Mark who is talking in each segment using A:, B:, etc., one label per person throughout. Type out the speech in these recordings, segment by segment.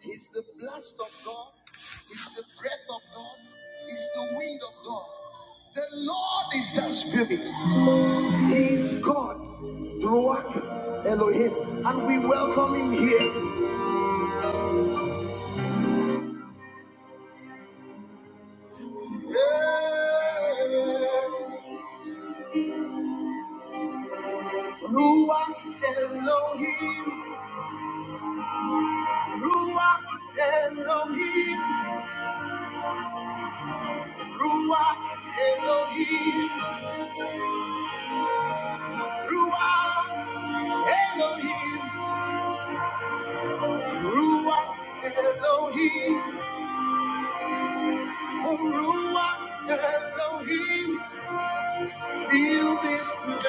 A: He's the blast of God. He's the breath of God. He's the wind of God. The Lord is that spirit. He is God. Ruach Elohim. And we welcome him here. Hey, Ruach Elohim. Ruach Elohim. Ruach Elohim. Ruach Elohim, Ruach Elohim, Ruach Elohim, feel this place.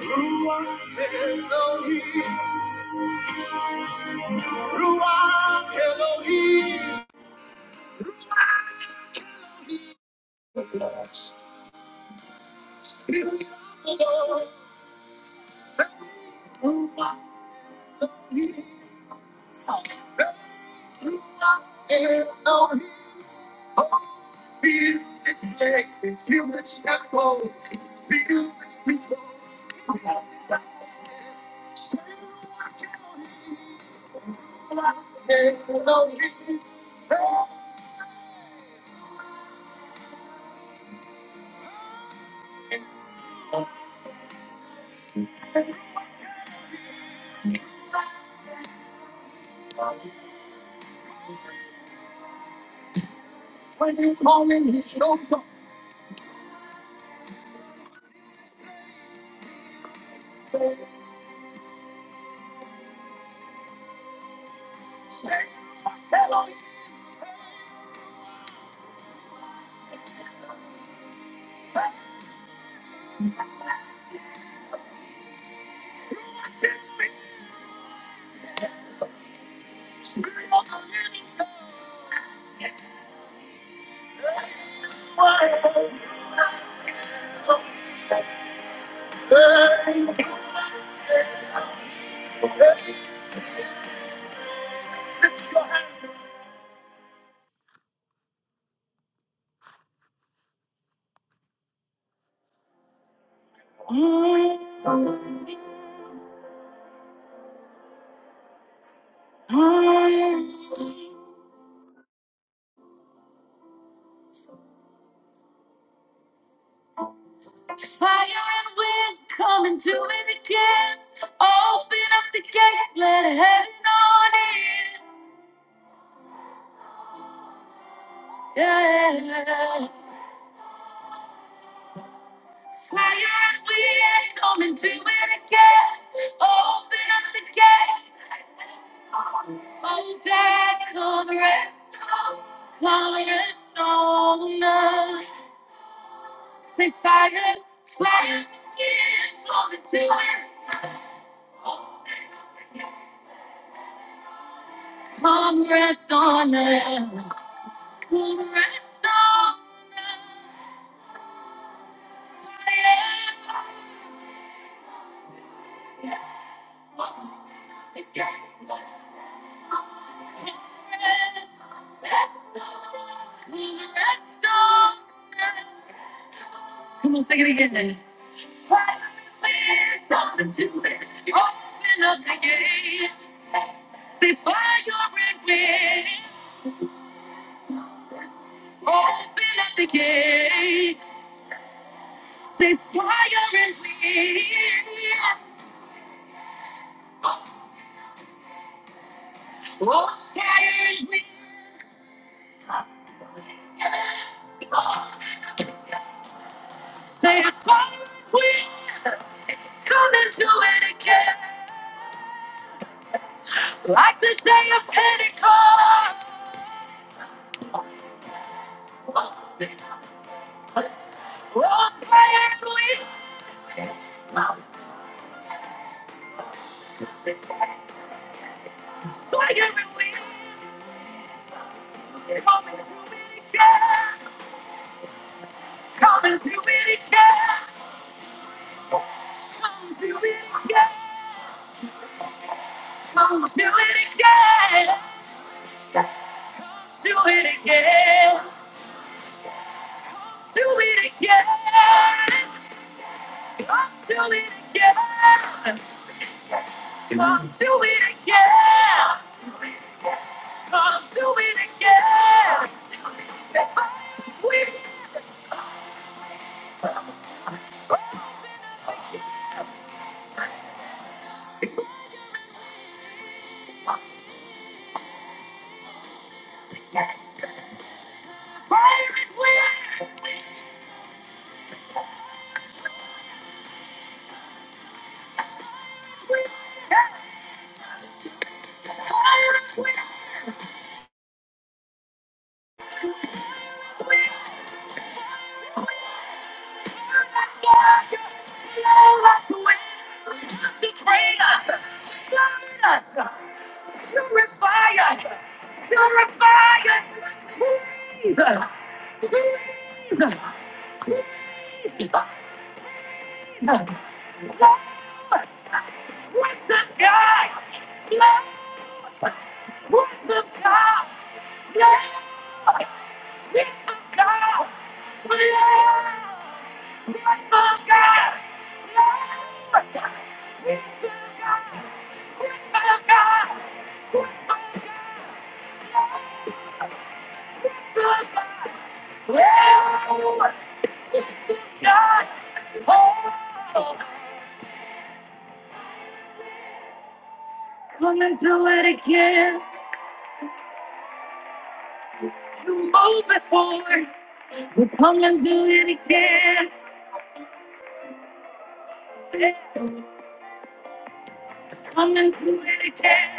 A: Ruach Elohim, Ruach Elohim. Mm, mm. Fire and wind coming to it again. Open up the gates, let heaven on in. Yeah. Tired, we ain't coming to it again. Open up the gates. Oh, Dad, come rest on, come rest on us. Say, fire, fire, we ain't coming to it. Come rest on us. Come rest on us. Fire, open up the gates. Come on, sing it again. Open up the gate. Say fire and wind. Open up the gate. Say fire and wind. Oh, fire and wind. Say fire and wind. Come and do it again. Like the day of Pentecost. Open Consecrate us, burn us, purify us, purify us, breathe, breathe, breathe. What's the guy? Come and do it again. You moved before. We come and do it again. Come and do it again.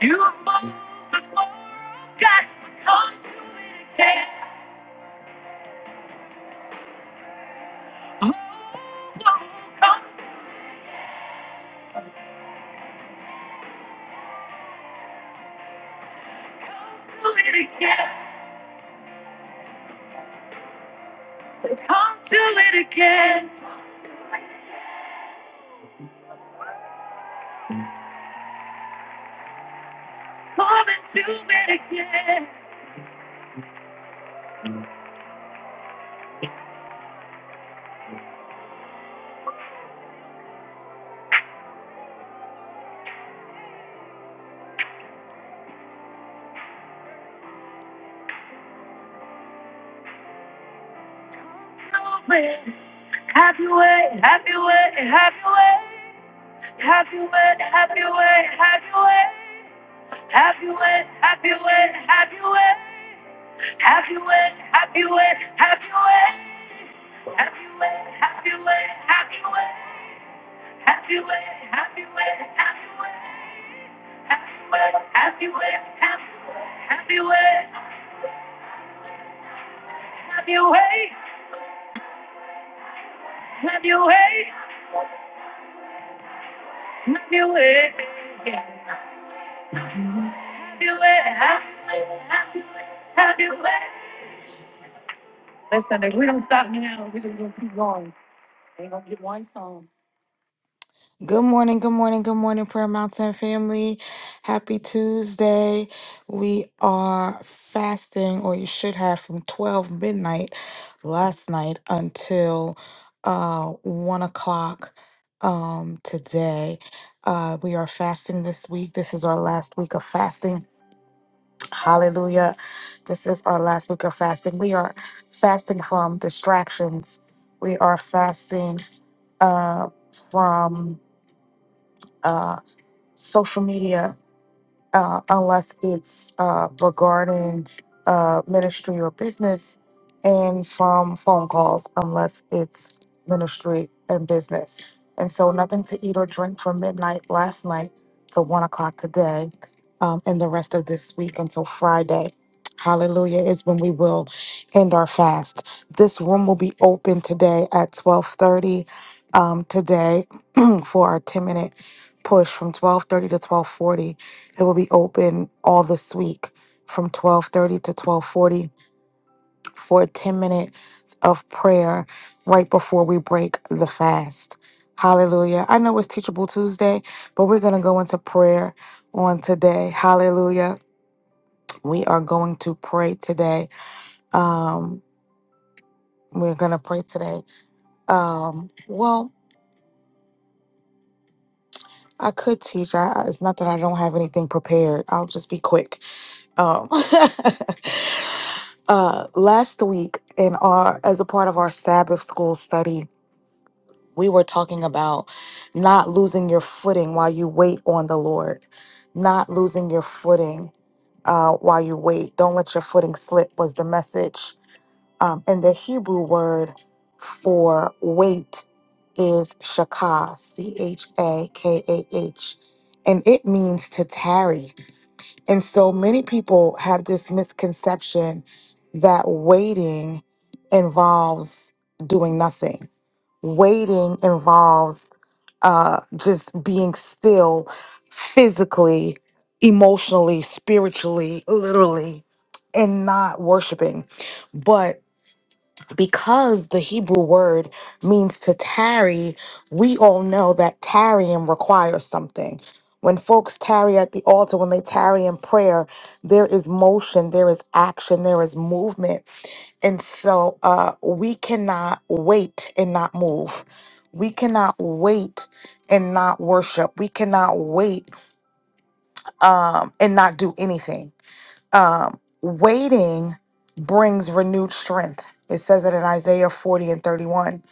A: You moved before I got come do it again. Oh, come, come, come do it again. Come do it again. Come and do it again. Oh, man. Have your way, have your way, have your way. Have your way, have your way, have your way. Have your way, have your way, have your way. Have your way, have your way, have your way. Have your way, have your way, have your way. Happy way, happy way, happy way, happy way, happy way, happy way, happy way, happy way, happy way, yeah. happy way, happy way, happy way. Listen, if we don't stop now, we're just gonna keep going. We're gonna get one song. Good morning, good morning, good morning, Prayer Mountain family. Happy Tuesday. We are fasting, or you should have, from 12 midnight last night until uh, 1 o'clock um, today. Uh, we are fasting this week. This is our last week of fasting. Hallelujah. This is our last week of fasting. We are fasting from distractions, we are fasting uh, from. uh, social media uh, unless it's uh, regarding uh, ministry or business, and from phone calls, unless it's ministry and business. And so, nothing to eat or drink from midnight last night to one o'clock today, um, and the rest of this week until Friday. Hallelujah is when we will end our fast. This room will be open today at twelve thirty um, today for our ten minute push from twelve thirty to twelve forty it will be open all this week from 12:30 to 12:40 for 10 minutes of prayer right before we break the fast. Hallelujah. I know it's teachable Tuesday, but we're going to go into prayer on today. Hallelujah. We are going to pray today. Um we're going to pray today. Um well, I could teach. I, it's not that I don't have anything prepared. I'll just be quick. Um, uh, last week, in our as a part of our Sabbath school study, we were talking about not losing your footing while you wait on the Lord, not losing your footing uh, while you wait. Don't let your footing slip was the message. Um, and the Hebrew word for wait is shakah, C H A K A H, and it means to tarry. And so many people have this misconception that waiting involves doing nothing. Waiting involves uh, just being still physically, emotionally, spiritually, literally, and not worshiping. But because the Hebrew word means to tarry, we all know that tarrying requires something. When folks tarry at the altar, when they tarry in prayer, there is motion, there is action, there is movement. And so uh, we cannot wait and not move. We cannot wait and not worship. We cannot wait um, and not do anything um, waiting brings renewed strength. It says it in Isaiah 40 and 31.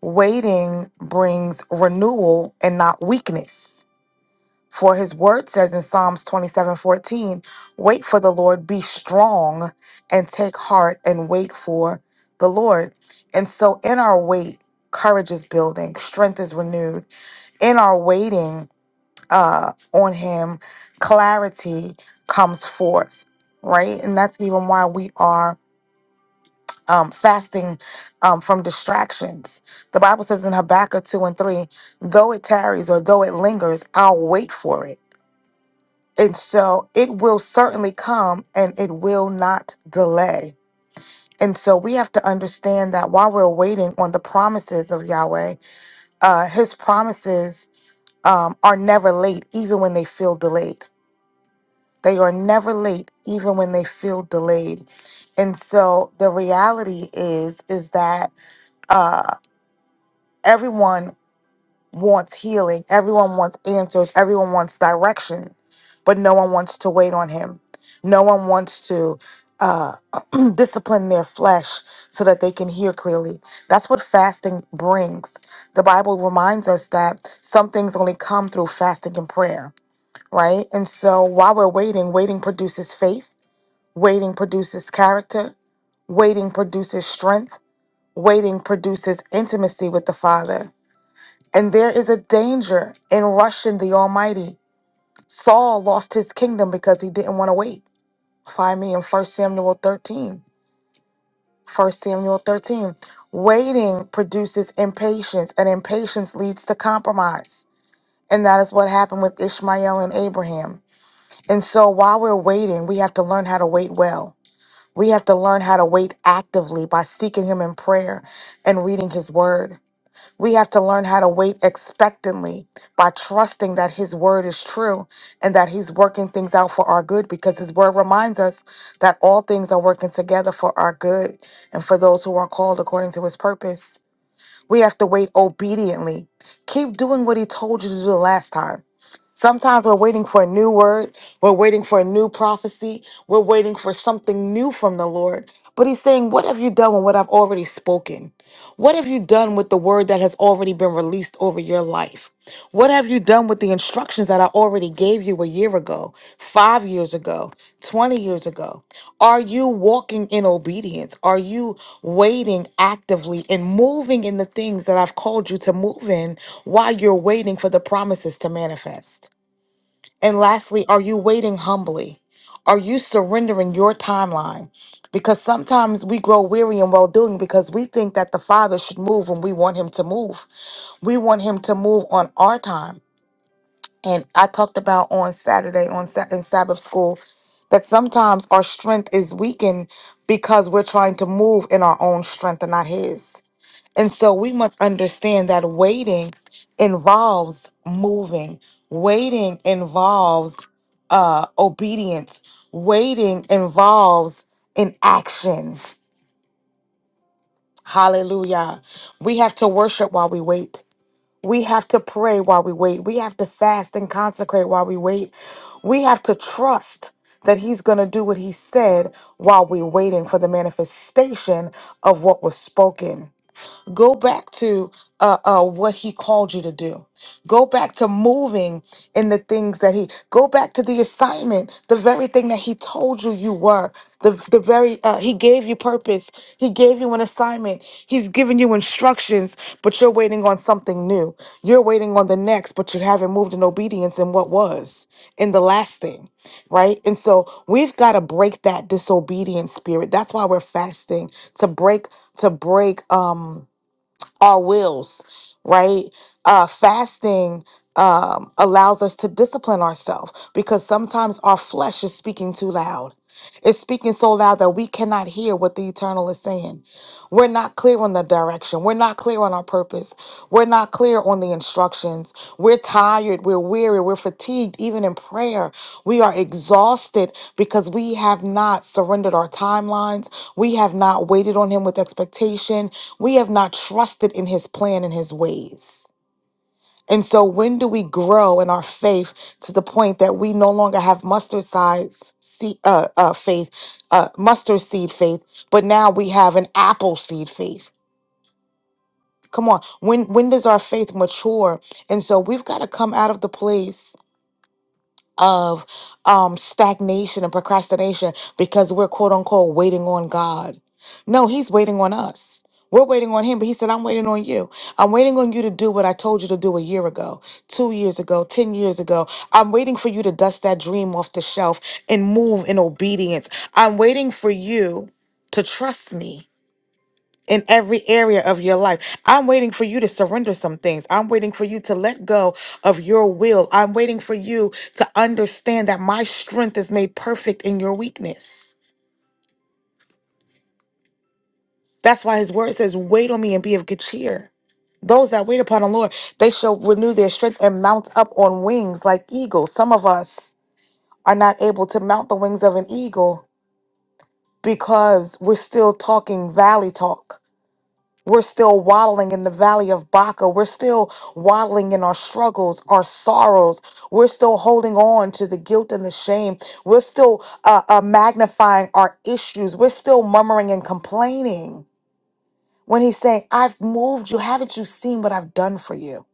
A: Waiting brings renewal and not weakness. For his word says in Psalms 27 14, wait for the Lord, be strong and take heart and wait for the Lord. And so in our wait, courage is building, strength is renewed. In our waiting, uh, on him, clarity comes forth, right? And that's even why we are um, fasting um, from distractions. The Bible says in Habakkuk 2 and 3, though it tarries or though it lingers, I'll wait for it. And so it will certainly come and it will not delay. And so we have to understand that while we're waiting on the promises of Yahweh, uh, his promises um, are never late, even when they feel delayed They are never late, even when they feel delayed. And so the reality is, is that uh, everyone wants healing, everyone wants answers, everyone wants direction, but no one wants to wait on him. No one wants to uh, discipline their flesh so that they can hear clearly. That's what fasting brings. The Bible reminds us that some things only come through fasting and prayer, right? And so while we're waiting, waiting produces faith Waiting produces character. Waiting produces strength. Waiting produces intimacy with the Father. And there is a danger in rushing the Almighty. Saul lost his kingdom because he didn't want to wait. Find me in First Samuel 13. First Samuel 13. Waiting produces impatience, and impatience leads to compromise. And that is what happened with Ishmael and Abraham. And so while we're waiting, we have to learn how to wait well. We have to learn how to wait actively by seeking Him in prayer and reading His Word. We have to learn how to wait expectantly by trusting that His Word is true and that He's working things out for our good because His Word reminds us that all things are working together for our good and for those who are called according to His purpose. We have to wait obediently. Keep doing what He told you to do the last time. Sometimes we're waiting for a new word, we're waiting for a new prophecy, we're waiting for something new from the Lord. But He's saying, What have you done with what I've already spoken? What have you done with the word that has already been released over your life? What have you done with the instructions that I already gave you a year ago, five years ago, 20 years ago? Are you walking in obedience? Are you waiting actively and moving in the things that I've called you to move in while you're waiting for the promises to manifest? And lastly, are you waiting humbly? Are you surrendering your timeline? Because sometimes we grow weary in well doing because we think that the Father should move when we want Him to move. We want Him to move on our time. And I talked about on Saturday on Sa- in Sabbath school that sometimes our strength is weakened because we're trying to move in our own strength and not His. And so we must understand that waiting involves moving, waiting involves uh, obedience, waiting involves an action. Hallelujah. We have to worship while we wait. We have to pray while we wait. We have to fast and consecrate while we wait. We have to trust that he's going to do what he said while we're waiting for the manifestation of what was spoken. Go back to uh, uh, what he called you to do. Go back to moving in the things that he, go back to the assignment, the very thing that he told you you were, the, the very, uh, he gave you purpose. He gave you an assignment. He's given you instructions, but you're waiting on something new. You're waiting on the next, but you haven't moved in obedience in what was, in the last thing, right? And so we've got to break that disobedient spirit. That's why we're fasting to break, to break, um, our wills, right? Uh, fasting um, allows us to discipline ourselves because sometimes our flesh is speaking too loud. It's speaking so loud that we cannot hear what the eternal is saying. We're not clear on the direction. We're not clear on our purpose. We're not clear on the instructions. We're tired. We're weary. We're fatigued, even in prayer. We are exhausted because we have not surrendered our timelines. We have not waited on Him with expectation. We have not trusted in His plan and His ways. And so, when do we grow in our faith to the point that we no longer have mustard size seed, uh, uh, faith, uh, mustard seed faith, but now we have an apple seed faith? Come on. When when does our faith mature? And so we've got to come out of the place of um stagnation and procrastination because we're quote unquote waiting on God. No, he's waiting on us. We're waiting on him, but he said, I'm waiting on you. I'm waiting on you to do what I told you to do a year ago, two years ago, 10 years ago. I'm waiting for you to dust that dream off the shelf and move in obedience. I'm waiting for you to trust me in every area of your life. I'm waiting for you to surrender some things. I'm waiting for you to let go of your will. I'm waiting for you to understand that my strength is made perfect in your weakness. That's why his word says, Wait on me and be of good cheer. Those that wait upon the Lord, they shall renew their strength and mount up on wings like eagles. Some of us are not able to mount the wings of an eagle because we're still talking valley talk We're still waddling in the valley of Baca. We're still waddling in our struggles, our sorrows. We're still holding on to the guilt and the shame. We're still uh, uh, magnifying our issues. We're still murmuring and complaining. When he's saying, I've moved you, haven't you seen what I've done for you?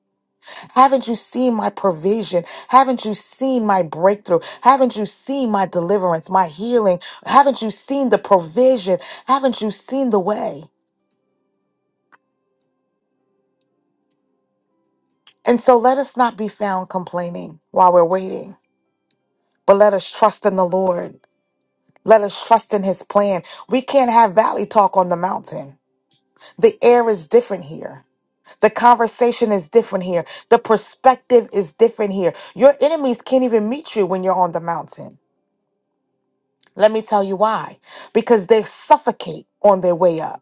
A: Haven't you seen my provision? Haven't you seen my breakthrough? Haven't you seen my deliverance, my healing? Haven't you seen the provision? Haven't you seen the way? And so let us not be found complaining while we're waiting, but let us trust in the Lord. Let us trust in his plan. We can't have valley talk on the mountain. The air is different here. The conversation is different here. The perspective is different here. Your enemies can't even meet you when you're on the mountain. Let me tell you why. Because they suffocate on their way up.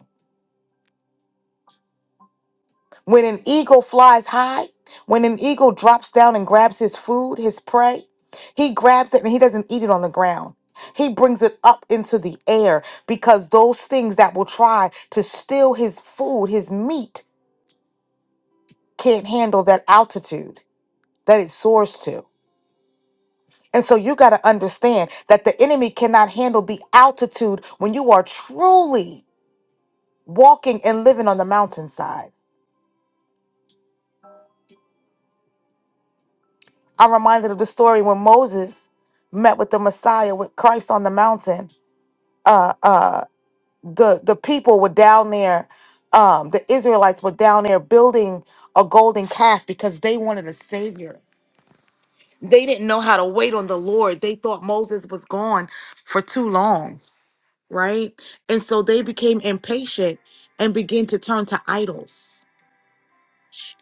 A: When an eagle flies high, when an eagle drops down and grabs his food, his prey, he grabs it and he doesn't eat it on the ground. He brings it up into the air because those things that will try to steal his food, his meat, can't handle that altitude that it soars to. And so you got to understand that the enemy cannot handle the altitude when you are truly walking and living on the mountainside. I'm reminded of the story when Moses met with the Messiah, with Christ on the mountain. Uh, uh, the the people were down there. Um, the Israelites were down there building a golden calf because they wanted a savior. They didn't know how to wait on the Lord. They thought Moses was gone for too long, right? And so they became impatient and began to turn to idols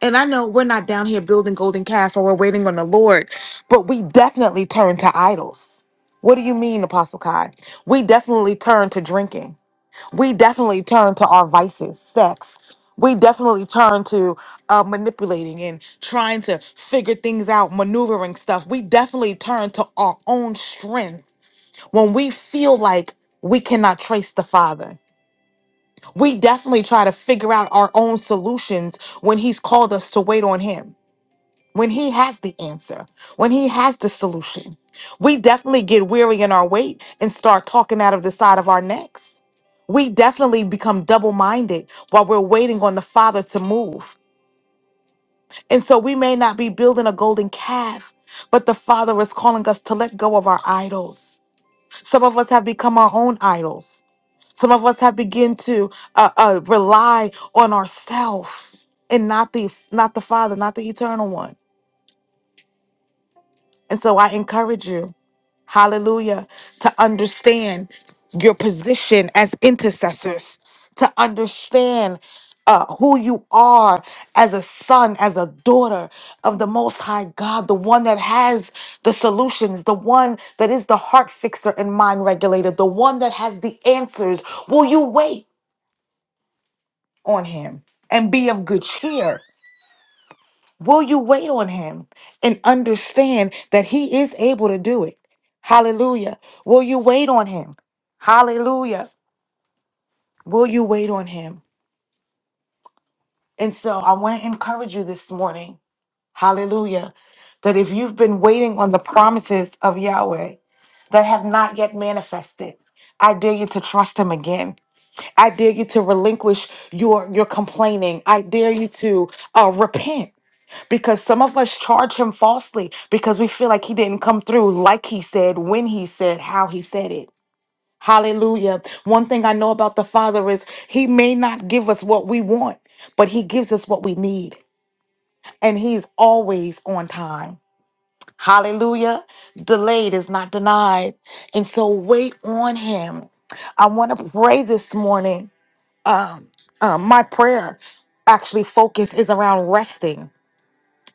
A: And I know we're not down here building golden calves while we're waiting on the Lord, but we definitely turn to idols. What do you mean, Apostle Kai? We definitely turn to drinking. We definitely turn to our vices, sex. We definitely turn to uh, manipulating and trying to figure things out, maneuvering stuff. We definitely turn to our own strength when we feel like we cannot trace the Father. We definitely try to figure out our own solutions when He's called us to wait on Him when he has the answer, when he has the solution. We definitely get weary in our weight and start talking out of the side of our necks. We definitely become double minded while we're waiting on the Father to move. And so we may not be building a golden calf, but the Father is calling us to let go of our idols. Some of us have become our own idols. Some of us have begun to uh, uh, rely on ourselves and not the not the Father, not the Eternal One. And so I encourage you, hallelujah, to understand your position as intercessors, to understand uh, who you are as a son, as a daughter of the Most High God, the one that has the solutions, the one that is the heart fixer and mind regulator, the one that has the answers. Will you wait on him and be of good cheer? Will you wait on him and understand that he is able to do it? Hallelujah. Will you wait on him? Hallelujah. Will you wait on him? And so I want to encourage you this morning. Hallelujah. That if you've been waiting on the promises of Yahweh that have not yet manifested, I dare you to trust him again. I dare you to relinquish your your complaining. I dare you to uh, repent because some of us charge him falsely because we feel like he didn't come through like he said, when he said, how he said it. Hallelujah. One thing I know about the Father is he may not give us what we want, but he gives us what we need. And he's always on time. Hallelujah. Delayed is not denied. And so wait on him. I want to pray this morning um, um, my prayer actually focus is around resting.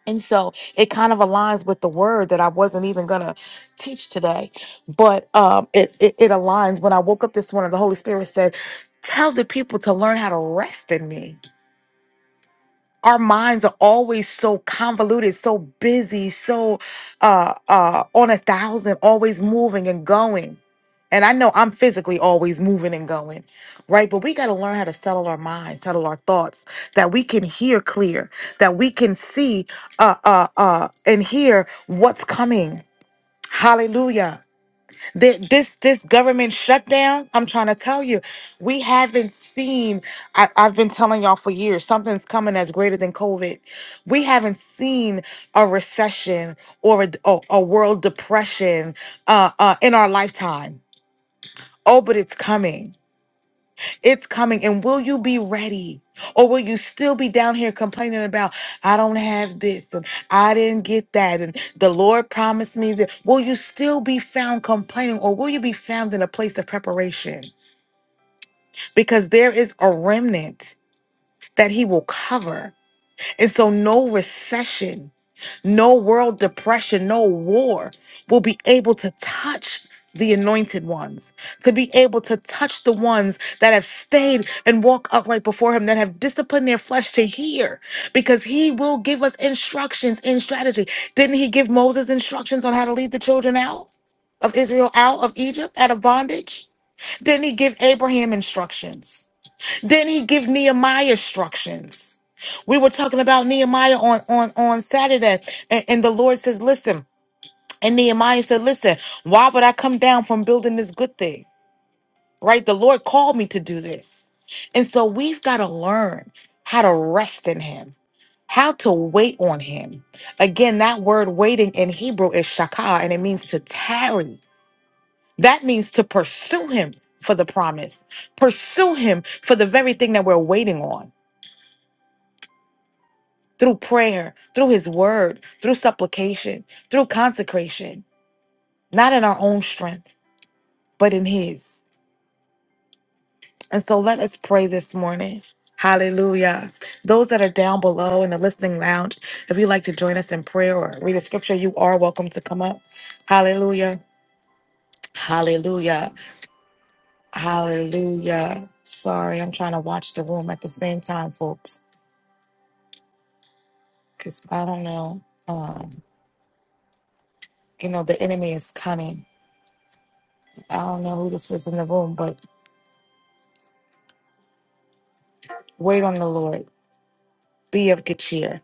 A: And so it kind of aligns with the word that I wasn't even going to teach today. But um, it, it, it aligns. When I woke up this morning, the Holy Spirit said, Tell the people to learn how to rest in me our minds are always so convoluted, so busy, so uh, uh, on a thousand, always moving and going. And I know I'm physically always moving and going, right? But we got to learn how to settle our minds, settle our thoughts, that we can hear clear, that we can see uh, uh, uh, and hear what's coming. Hallelujah Th- this this government shutdown i'm trying to tell you we haven't seen I, i've been telling y'all for years something's coming that's greater than covid we haven't seen a recession or a, a, a world depression uh, uh, in our lifetime oh but it's coming it's coming. And will you be ready? Or will you still be down here complaining about, I don't have this and I didn't get that and the Lord promised me that? Will you still be found complaining or will you be found in a place of preparation? Because there is a remnant that He will cover. And so, no recession, no world depression, no war will be able to touch the anointed ones, to be able to touch the ones that have stayed and walk upright before him, that have disciplined their flesh to hear, because he will give us instructions in strategy. Didn't he give Moses instructions on how to lead the children out of Israel, out of Egypt, out of bondage? Didn't he give Abraham instructions? Then he give Nehemiah instructions. We were talking about Nehemiah on on on Saturday, and, and the Lord says, "Listen." And Nehemiah said, "Listen, why would I come down from building this good thing? Right? The Lord called me to do this, and so we've got to learn how to rest in Him." How to wait on him. Again, that word waiting in Hebrew is shakah, and it means to tarry. That means to pursue him for the promise, pursue him for the very thing that we're waiting on. through prayer, through his word, through supplication, through consecration, not in our own strength, but in his. And so let us pray this morning. Hallelujah. Those that are down below in the listening lounge, if you'd like to join us in prayer or read a scripture, you are welcome to come up. Hallelujah. Hallelujah. Hallelujah. Sorry, I'm trying to watch the room at the same time, folks, because I don't know. Um, you know, the enemy is cunning. I don't know who this is in the room, but Wait on the Lord. Be of good cheer.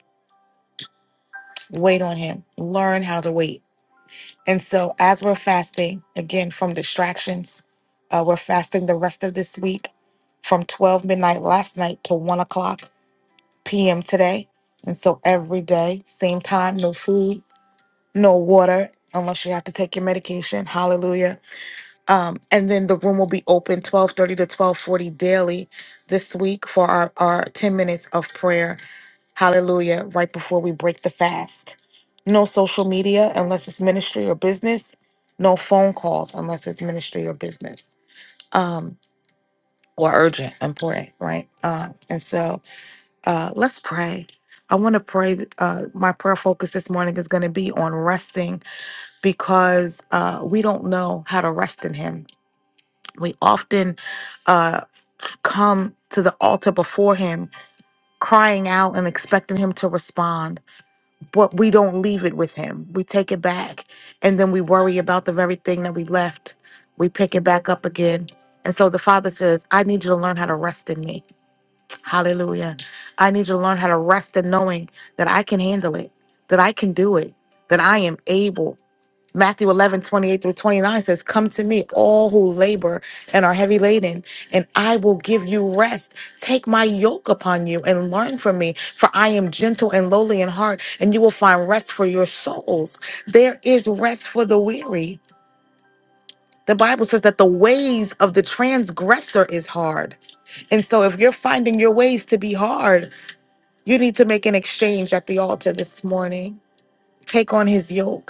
A: Wait on Him. Learn how to wait. And so, as we're fasting, again, from distractions, uh, we're fasting the rest of this week from 12 midnight last night to 1 o'clock p.m. today. And so, every day, same time, no food, no water, unless you have to take your medication. Hallelujah Um, and then the room will be open 12:30 to 12:40 daily this week for our, our 10 minutes of prayer. Hallelujah. Right before we break the fast. No social media unless it's ministry or business. No phone calls unless it's ministry or business. Um, or urgent, important, right? Um, and so uh let's pray. I want to pray. Uh, my prayer focus this morning is going to be on resting because uh, we don't know how to rest in Him we often uh, come to the altar before Him, crying out and expecting Him to respond, but we don't leave it with Him. We take it back, and then we worry about the very thing that we left. We pick it back up again. And so the Father says, I need you to learn how to rest in me. Hallelujah. I need you to learn how to rest in knowing that I can handle it, that I can do it, that I am able. Matthew 11 28 through 29 says, Come to me, all who labor and are heavy laden, and I will give you rest. Take my yoke upon you and learn from me, for I am gentle and lowly in heart, and you will find rest for your souls. There is rest for the weary. The Bible says that the ways of the transgressor is hard. And so, if you're finding your ways to be hard, you need to make an exchange at the altar this morning. Take on his yoke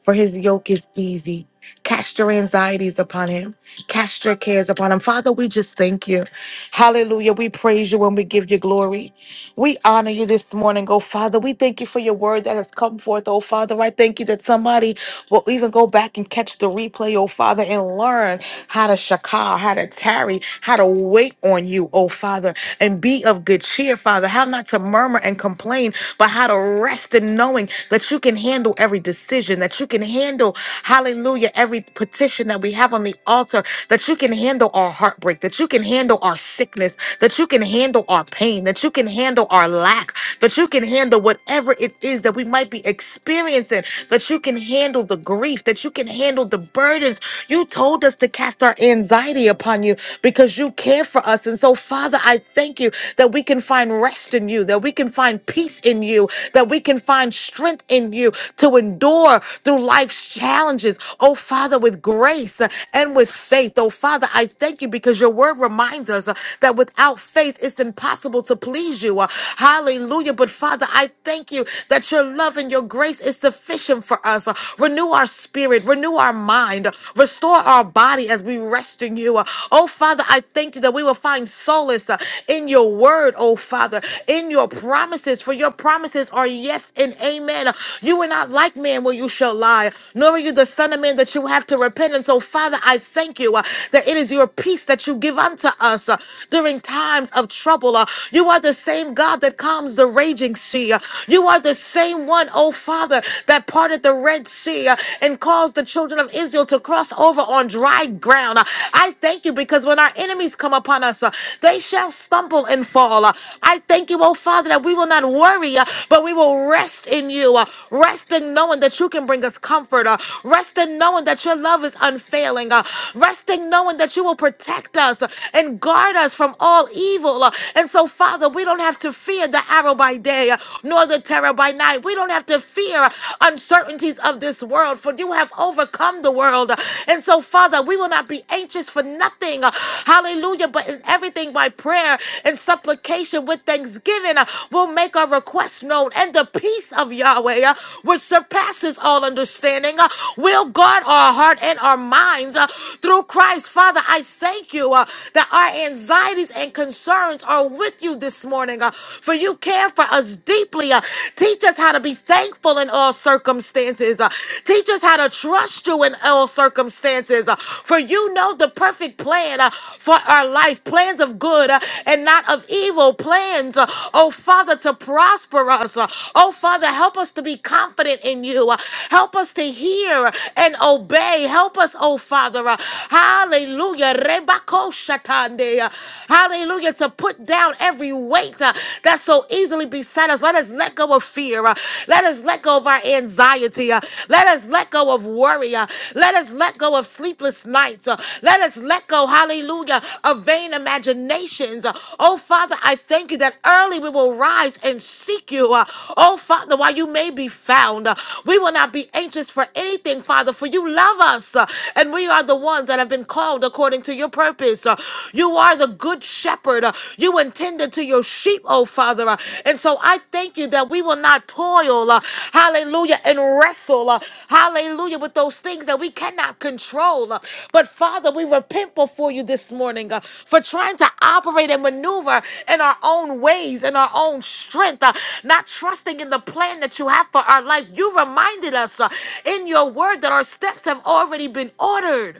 A: for his yoke is easy. Cast your anxieties upon him. Cast your cares upon him. Father, we just thank you. Hallelujah. We praise you and we give you glory. We honor you this morning, oh Father. We thank you for your word that has come forth, oh Father. I thank you that somebody will even go back and catch the replay, oh Father, and learn how to shakar, how to tarry, how to wait on you, oh Father, and be of good cheer, Father. How not to murmur and complain, but how to rest in knowing that you can handle every decision, that you can handle, hallelujah, every petition that we have on the altar, that you can handle our heartbreak, that you can handle our sickness, that you can handle our pain lacking, that you can handle our lack, that you can handle whatever it is that we might be experiencing, that you can handle the grief, that you can handle the burdens. You told us to cast our anxiety upon you because you care for us. And so, Father, I thank you that we can find rest in you, that we can find peace in you, that we can find strength in you to endure through life's challenges. Oh, Father, with grace uh, and with faith. Oh, Father, I thank you because your word reminds us uh, that without faith, it's it's impossible to please you. Uh, Hallelujah. But Father, I thank you that your love and your grace is sufficient for us. Uh, Renew our spirit, renew our mind, uh, restore our body as we rest in you. Uh, Oh Father, I thank you that we will find solace uh, in your word, oh Father, in your promises, for your promises are yes and amen. Uh, You were not like man where you shall lie, nor are you the son of man that you have to repent. And so, Father, I thank you uh, that it is your peace that you give unto us uh, during in times of trouble. Uh, You are the same God that calms the raging sea. Uh, You are the same one, oh Father, that parted the Red Sea uh, and caused the children of Israel to cross over on dry ground. Uh, I thank you because when our enemies come upon us, uh, they shall stumble and fall. Uh, I thank you, oh Father, that we will not worry, uh, but we will rest in you. uh, Rest in knowing that you can bring us comfort. uh, Rest in knowing that your love is unfailing. uh, Rest in knowing that you will protect us uh, and guard guard us from all evil. Uh, And so, Father, we don't have to fear the arrow by day uh, nor the terror by night. We don't have to fear uh, uncertainties of this world, for you have overcome the world. Uh, And so, Father, we will not be anxious for nothing. Uh, Hallelujah. But in everything by prayer and supplication with thanksgiving, uh, we'll make our requests known. And the peace of Yahweh, uh, which surpasses all understanding, uh, will guard our heart and our minds uh, through Christ. Father, I thank you. uh, uh, that our anxieties and concerns are with you this morning, uh, for you care for us deeply. uh, teach us how to be thankful in all circumstances. uh, teach us how to trust you in all circumstances, uh, for you know the perfect plan uh, for our life plans of good uh, and not of evil, plans, uh, oh Father, to prosper us. uh, oh Father, help us to be confident in you. uh, help us to hear and obey. Help us, oh Father. uh, hallelujah. Rebako Shatande, Hallelujah. To put down every weight uh, that so easily beset us. Let us let go of fear. uh, Let us let go of our anxiety. uh, Let us let go of worry. uh, Let us let go of sleepless nights. uh, Let us let go, hallelujah, of vain imaginations. uh, Oh, Father, I thank you that early we will rise and seek you. uh, Oh, Father, while you may be found, uh, we will not be anxious for anything, Father, for you love us. uh, And we are the ones that have been called according to your purpose. Uh, You are the good shepherd. Uh, You intended to your sheep, oh Father. Uh, And so I thank you that we will not toil, uh, hallelujah, and wrestle, uh, hallelujah, with those things that we cannot control. Uh, But Father, we repent before you this morning uh, for trying to operate and maneuver in our own ways, in our own strength, uh, not trusting in the plan that you have for our life. You reminded us uh, in your word that our steps have already been ordered.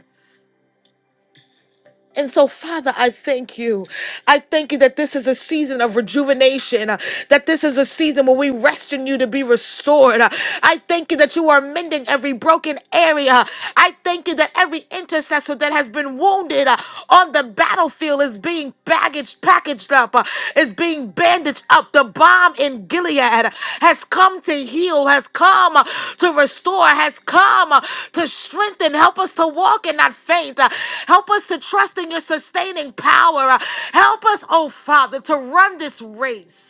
A: And so, Father, I thank you. I thank you that this is a season of rejuvenation, uh, that this is a season when we rest in you to be restored. Uh, I thank you that you are mending every broken area. I thank you that every intercessor that has been wounded uh, on the battlefield is being baggaged packaged up, uh, is being bandaged up. The bomb in Gilead uh, has come to heal, has come uh, to restore, has come uh, to strengthen. Help us to walk and not faint. Uh, Help us to trust in your sustaining power. Uh, Help us, oh Father, to run this race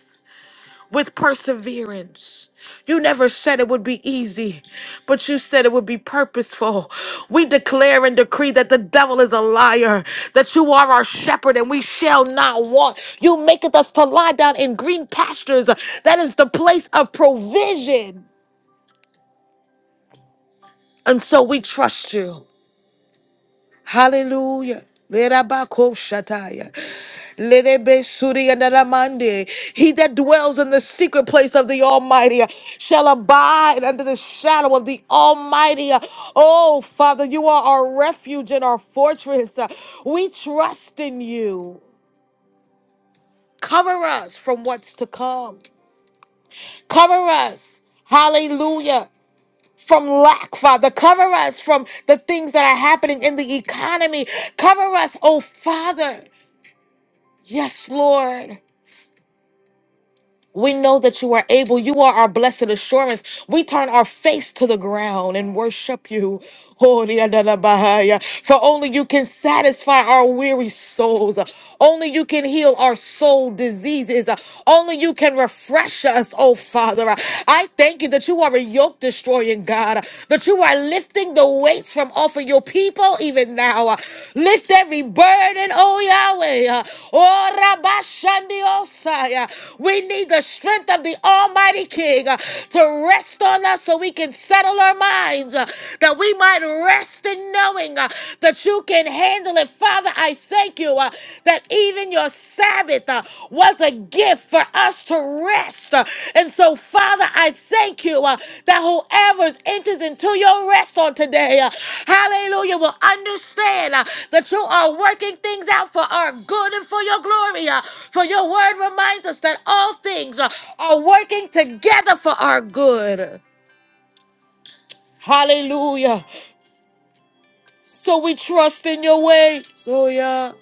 A: with perseverance. You never said it would be easy, but you said it would be purposeful. We declare and decree that the devil is a liar, that you are our shepherd and we shall not want. You maketh us to lie down in green pastures. That is the place of provision. And so we trust you. Hallelujah. Verabakoshataya. Lerebesuri and Ramande. He that dwells in the secret place of the Almighty shall abide under the shadow of the Almighty. Oh, Father, you are our refuge and our fortress. We trust in you. Cover us from what's to come. Cover us. Hallelujah. From lack, Father. Cover us from the things that are happening in the economy. Cover us, oh Father. Yes, Lord. We know that you are able. You are our blessed assurance. We turn our face to the ground and worship you. Oh, the end of the Bahia. For only you can satisfy our weary souls. Only you can heal our soul diseases. Only you can refresh us, oh Father. I thank you that you are a yoke destroying God, that you are lifting the the weights from off of your people even now. Uh, Lift every burden, oh Yahweh. Uh, Oh Rabashandi Osai. Uh, We need the strength of the Almighty King uh, to rest on us so we can settle our minds, uh, that we might rest in knowing uh, that you can handle it. Father, I thank you uh, that even your Sabbath uh, was a gift for us to rest. Uh, And so, Father, I thank you uh, that whoever's enters into your rest on today, uh, hallelujah, will understand uh, that you are working things out for our good and for your glory. uh, For your word reminds us that all things uh, are working together for our good. Hallelujah. So we trust in your way. So yeah.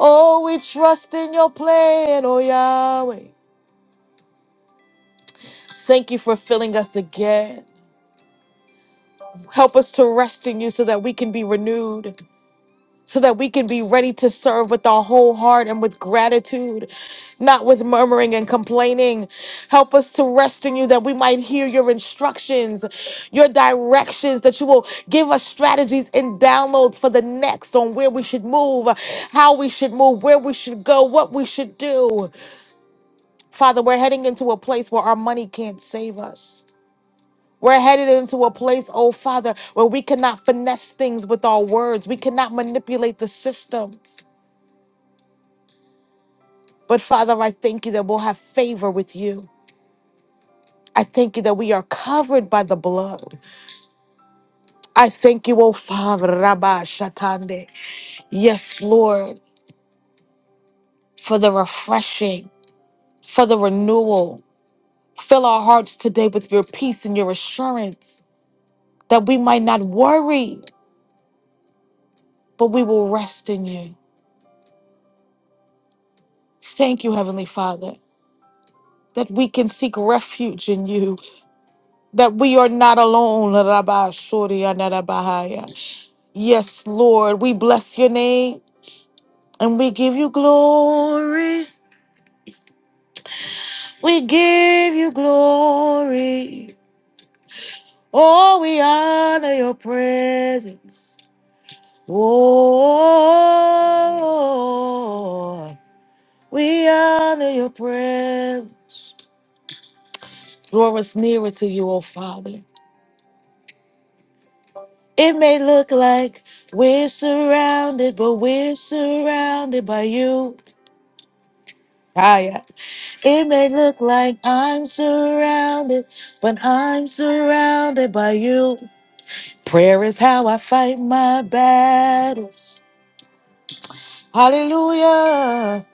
A: Oh, we trust in your plan, oh Yahweh. Thank you for filling us again. Help us to rest in you so that we can be renewed. so that we can be ready to serve with our whole heart and with gratitude, not with murmuring and complaining. Help us to rest in you that we might hear your instructions, your directions, that you will give us strategies and downloads for the next on where we should move, how we should move, where we should go, what we should do. Father, we're heading into a place where our money can't save us. We're headed into a place, oh Father, where we cannot finesse things with our words. We cannot manipulate the systems. But Father, I thank you that we'll have favor with you. I thank you that we are covered by the blood. I thank you, oh Father, Rabba Shatande. Yes, Lord, for the refreshing, for the renewal. Fill our hearts today with your peace and your assurance that we might not worry, but we will rest in you. Thank you, Heavenly Father, that we can seek refuge in you, that we are not alone. Rabba Suri Anarabahaya. Yes, Lord, we bless your name and we give you glory. We give you glory. Oh, we honor your presence. Oh, we honor your presence. Draw us nearer to you, oh Father. It may look like we're surrounded, but we're surrounded by you. It may look like I'm surrounded, but I'm surrounded by you. Prayer is how I fight my battles. Hallelujah.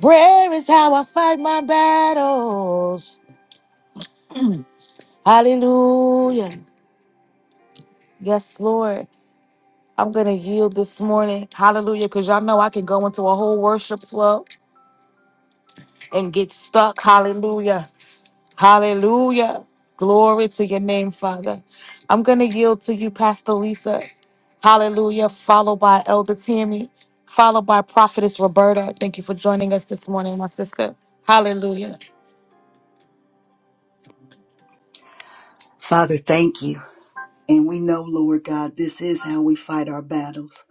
A: Prayer is how I fight my battles. Hallelujah. Yes, Lord. I'm going to yield this morning. Hallelujah. Because y'all know I can go into a whole worship flow and get stuck. Hallelujah. Hallelujah. Glory to your name, Father. I'm going to yield to you, Pastor Lisa. Hallelujah. Followed by Elder Tammy, followed by Prophetess Roberta. Thank you for joining us this morning, my sister. Hallelujah.
B: Father, thank you. And we know, Lord God, this is how we fight our battles.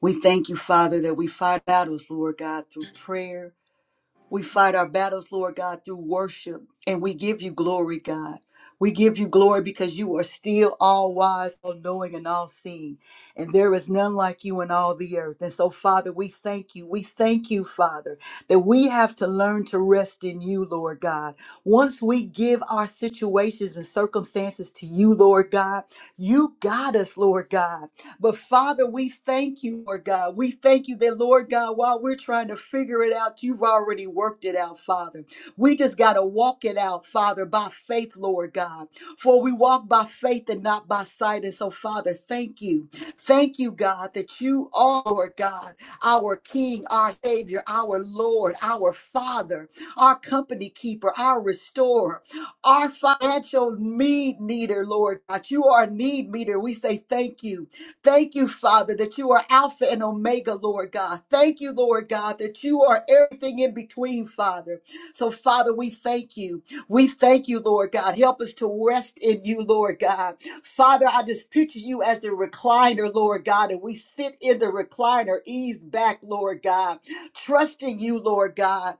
B: We thank you, Father, that we fight battles, Lord God, through prayer, we fight our battles, Lord God, through worship, and we give you glory, God. We give you glory because you are still all wise, all knowing, and all seeing. And there is none like you in all the earth. And so, Father, we thank you. We thank you, Father, that we have to learn to rest in you, Lord God. Once we give our situations and circumstances to you, Lord God, you got us, Lord God. But Father, we thank you, Lord God. We thank you that, Lord God, while we're trying to figure it out, you've already worked it out, Father. We just got to walk it out, Father, by faith, Lord God. For we walk by faith and not by sight. And so, Father, thank you. Thank you, God, that you are, Lord God, our King, our Savior, our Lord, our Father, our company keeper, our restorer, our financial need meter, Lord God. You are a need meter. We say thank you. Thank you, Father, that you are Alpha and Omega, Lord God. Thank you, Lord God, that you are everything in between, Father. So, Father, we thank you. We thank you, Lord God. Help us to rest in you, Lord God. Father, I just picture you as the recliner, Lord God, and we sit in the recliner, ease back, Lord God, trusting you, Lord God,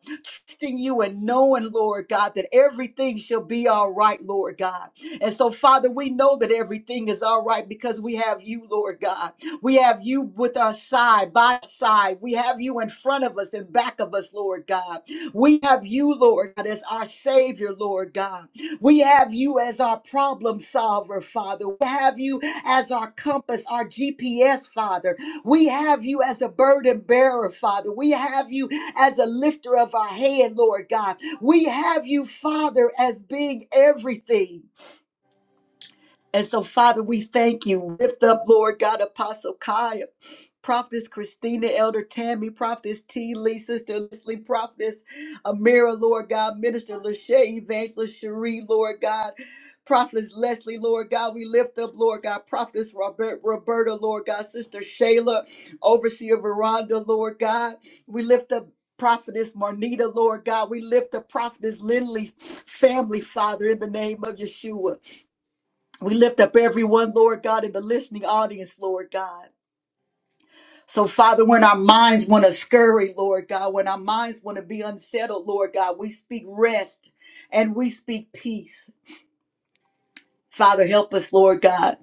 B: trusting you and knowing, Lord God, that everything shall be all right, Lord God. And so, Father, we know that everything is all right because we have you, Lord God. We have you with our side, by our side. We have you in front of us and back of us, Lord God. We have you, Lord God, as our Savior, Lord God. We have you as our problem solver, Father. We have you as our compass, our GPS, Father. We have you as a burden bearer, Father. We have you as a lifter of our head, Lord God. We have you, Father, as being everything. And so, Father, we thank you. Lift up, Lord God, Apostle Kaya, Prophetess Christina, Elder Tammy, Prophetess T. Lee, Sister Leslie, Prophetess Amira, Lord God, Minister Lachey, Evangelist Cherie, Lord God. Prophetess Leslie, Lord God, we lift up, Lord God, Prophetess Robert, Roberta, Lord God, Sister Shayla, Overseer Veranda, Lord God, we lift up Prophetess Marnita, Lord God, we lift up Prophetess Lindley's family, Father, in the name of Yeshua. We lift up everyone, Lord God, in the listening audience, Lord God. So, Father, when our minds want to scurry, Lord God, when our minds want to be unsettled, Lord God, we speak rest and we speak peace. Father, help us, Lord God,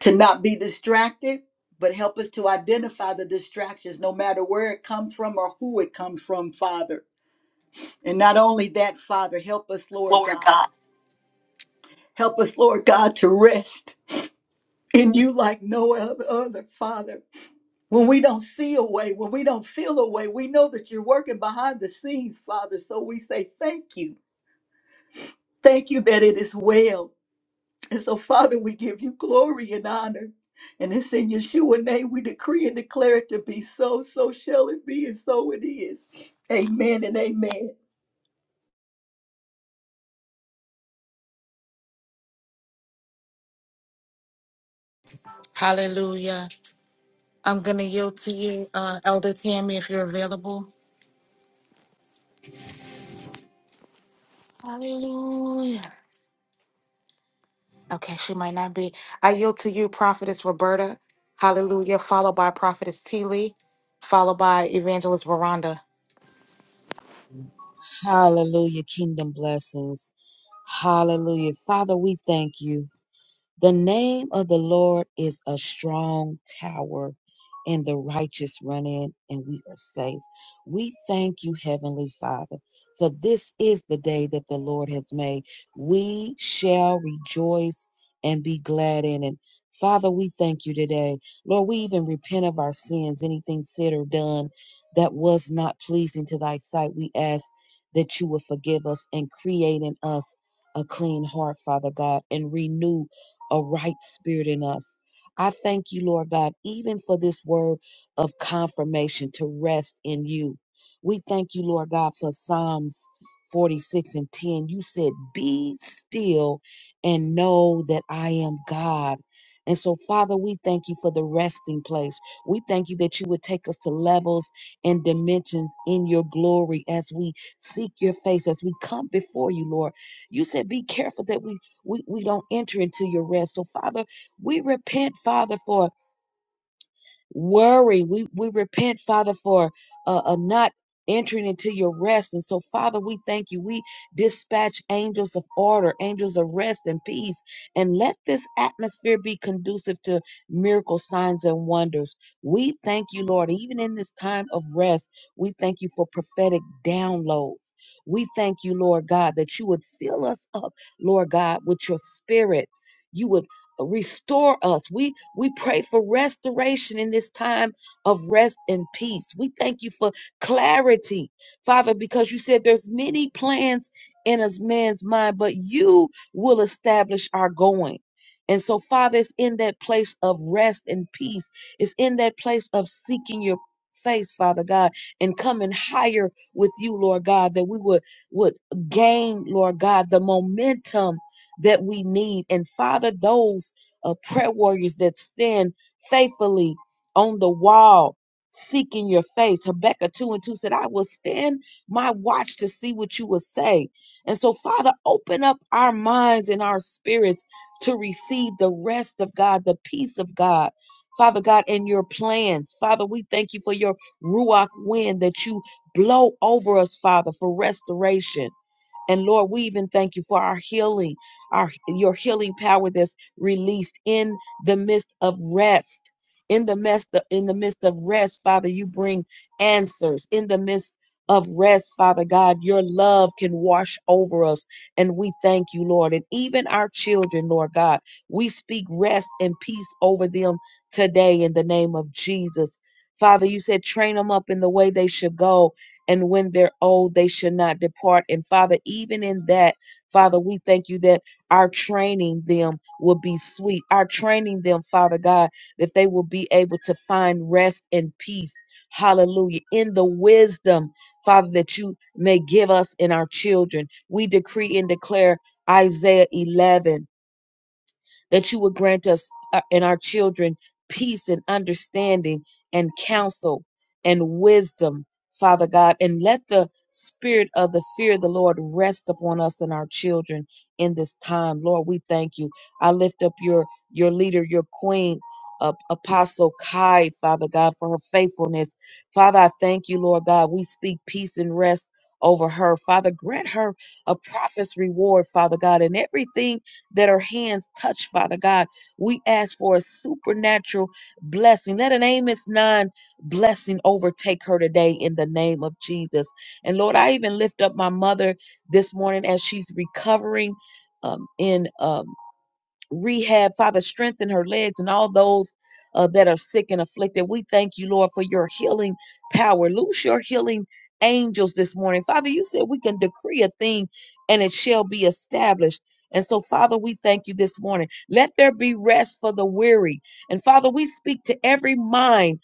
B: to not be distracted, but help us to identify the distractions, no matter where it comes from or who it comes from, Father. And not only that, Father, help us, Lord God. Help us, Lord God, to rest in you like no other, Father. When we don't see a way, when we don't feel a way, we know that you're working behind the scenes, Father. So we say thank you. Thank you that it is well. And so, Father, we give you glory and honor. And it's in Yeshua name we decree and declare it to be so, so shall it be, and so it is. Amen and amen.
A: Hallelujah. I'm going to yield to you, uh, Elder Tammy, if you're available. Hallelujah. Okay, she might not be. I yield to you, Prophetess Roberta. Hallelujah. Followed by Prophetess T. Lee, followed by Evangelist Veranda.
C: Hallelujah. Kingdom blessings. Hallelujah. Father, we thank you. The name of the Lord is a strong tower, and the righteous run in, and we are safe. We thank you, Heavenly Father, for this is the day that the Lord has made. We shall rejoice and be glad in it. Father, we thank you today. Lord, we even repent of our sins, anything said or done that was not pleasing to thy sight. We ask that you will forgive us and create in us a clean heart, Father God, and renew a right spirit in us. I thank you, Lord God, even for this word of confirmation to rest in you. We thank you, Lord God, for Psalms 46 and 10. You said, Be still and know that I am God. And so, Father, we thank you for the resting place. We thank you that you would take us to levels and dimensions in your glory as we seek your face, as we come before you, Lord. You said, Be careful that we we, we don't enter into your rest. So, Father, we repent, Father, for worry. We we repent, Father, for uh, uh, not entering into your rest. And so, Father, we thank you. We dispatch angels of order, angels of rest and peace, and let this atmosphere be conducive to miracle signs and wonders. We thank you, Lord, even in this time of rest. We thank you for prophetic downloads. We thank you, Lord God, that you would fill us up, Lord God, with your spirit. You would uh, restore us. We we pray for restoration in this time of rest and peace. We thank you for clarity, Father, because you said there's many plans in a man's mind, but you will establish our going. And so, Father, it's in that place of rest and peace. It's in that place of seeking your face, Father God, and coming higher with you, Lord God, that we would would gain, Lord God, the momentum that we need. And Father, those uh, prayer warriors that stand faithfully on the wall, seeking your face. Habakkuk 2 and 2 said, I will stand my watch to see what you will say. And so, Father, open up our minds and our spirits to receive the rest of God, the peace of God. Father God, and your plans. Father, we thank you for your Ruach wind that you blow over us, Father, for restoration. And Lord, we even thank you for our healing, our your healing power that's released in the midst of rest. In the midst of, in the midst of rest, Father, you bring answers. In the midst of rest, Father God, your love can wash over us. And we thank you, Lord. And even our children, Lord God, we speak rest and peace over them today in the name of Jesus. Father, you said train them up in the way they should go and when they're old, they should not depart. And Father, even in that, Father, we thank you that our training them will be sweet. Our training them, Father God, that they will be able to find rest and peace. Hallelujah. In the wisdom, Father, that you may give us in our children. We decree and declare Isaiah 11 that you would grant us uh, and our children peace and understanding and counsel and wisdom, Father God, and let the spirit of the fear of the Lord rest upon us and our children in this time. Lord, we thank you. I lift up your your leader, your queen, uh, Apostle Kai, Father God, for her faithfulness. Father, I thank you, Lord God. We speak peace and rest over her. Father, grant her a prophet's reward, Father God, and everything that her hands touch, Father God. We ask for a supernatural blessing. Let an Amos 9 blessing overtake her today in the name of Jesus. And Lord, I even lift up my mother this morning as she's recovering um, in. um, rehab. Father, strengthen her legs and all those uh, that are sick and afflicted. We thank you, Lord, for your healing power. Loose your healing angels this morning. Father, you said we can decree a thing and it shall be established. And so, Father, we thank you this morning. Let there be rest for the weary. And Father, we speak to every mind,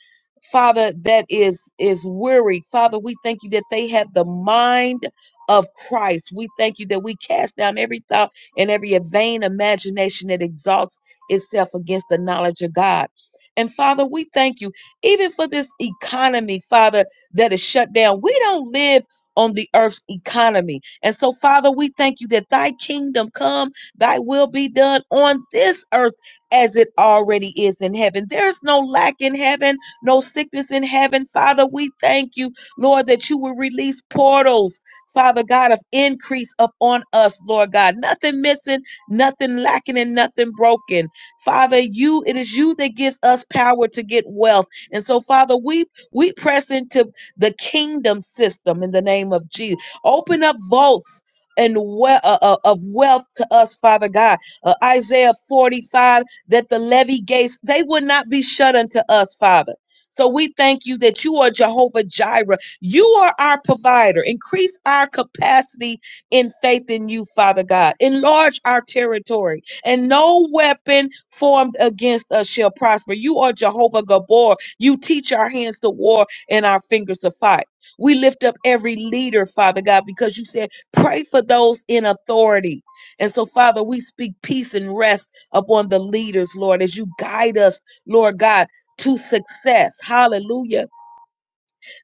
C: Father, that is is weary. Father, we thank you that they have the mind of Christ. We thank you that we cast down every thought and every vain imagination that exalts itself against the knowledge of God. And Father, we thank you even for this economy, Father, that is shut down. We don't live on the earth's economy. And so, Father, we thank you that thy kingdom come, thy will be done on this earth as it already is in heaven. There's no lack in heaven, no sickness in heaven. Father, we thank you, Lord, that you will release portals Father God, of increase upon us, Lord God. Nothing missing, nothing lacking, and nothing broken. Father, you it is you that gives us power to get wealth. And so, Father, we we press into the kingdom system in the name of Jesus. Open up vaults. And we- uh, uh, of wealth to us, Father God. Uh, Isaiah 45, that the levy gates, they would not be shut unto us, Father. So we thank you that you are Jehovah Jireh. You are our provider. Increase our capacity in faith in you, Father God. Enlarge our territory, and no weapon formed against us shall prosper. You are Jehovah Gabor. You teach our hands to war and our fingers to fight. We lift up every leader, Father God, because you said, pray for those in authority. And so, Father, we speak peace and rest upon the leaders, Lord, as you guide us, Lord God, to success. Hallelujah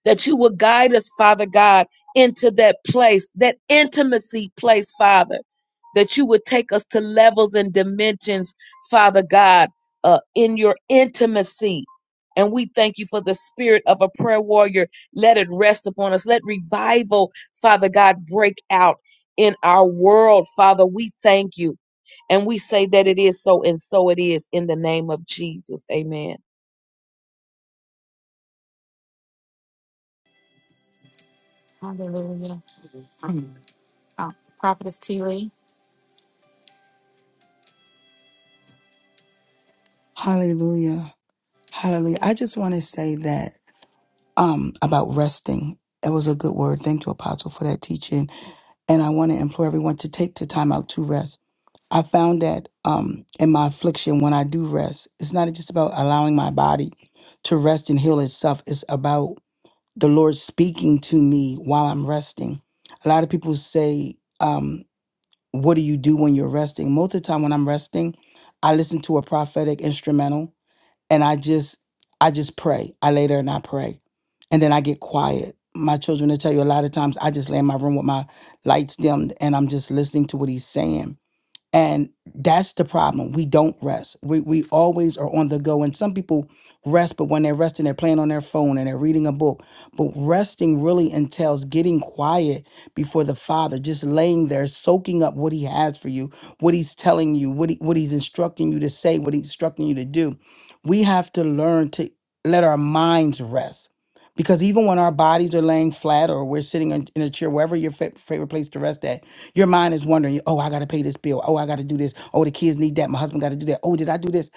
C: that you will guide us, Father God, into that place, that intimacy place, Father, that you would take us to levels and dimensions, Father God, uh, in your intimacy. And we thank you for the spirit of a prayer warrior. Let it rest upon us. Let revival, Father God, break out in our world, Father. We thank you. And we say that it is so, and so it is in the name of Jesus. Amen.
A: Hallelujah. Oh, Prophetess T. Lee.
D: Hallelujah. Hallelujah. I just want to say that um about resting. That was a good word. Thank you, Apostle, for that teaching. And I want to implore everyone to take the time out to rest. I found that um in my affliction when I do rest, it's not just about allowing my body to rest and heal itself. It's about the Lord speaking to me while I'm resting. A lot of people say, um, what do you do when you're resting? Most of the time when I'm resting, I listen to a prophetic instrumental and I just I just pray. I lay there and I pray. And then I get quiet. My children will tell you a lot of times I just lay in my room with my lights dimmed and I'm just listening to what he's saying and that's the problem. We don't rest. We we always are on the go. And some people rest, but when they're resting, they're playing on their phone and they're reading a book. But resting really entails getting quiet before the Father, just laying there, soaking up what He has for you, what He's telling you, what he, what He's instructing you to say, what He's instructing you to do. We have to learn to let our minds rest because even when our bodies are laying flat or we're sitting in, in a chair, wherever your fa- favorite place to rest at, your mind is wondering, oh, I got to pay this bill. Oh, I got to do this. Oh, the kids need that. My husband got to do that. Oh, did I do this?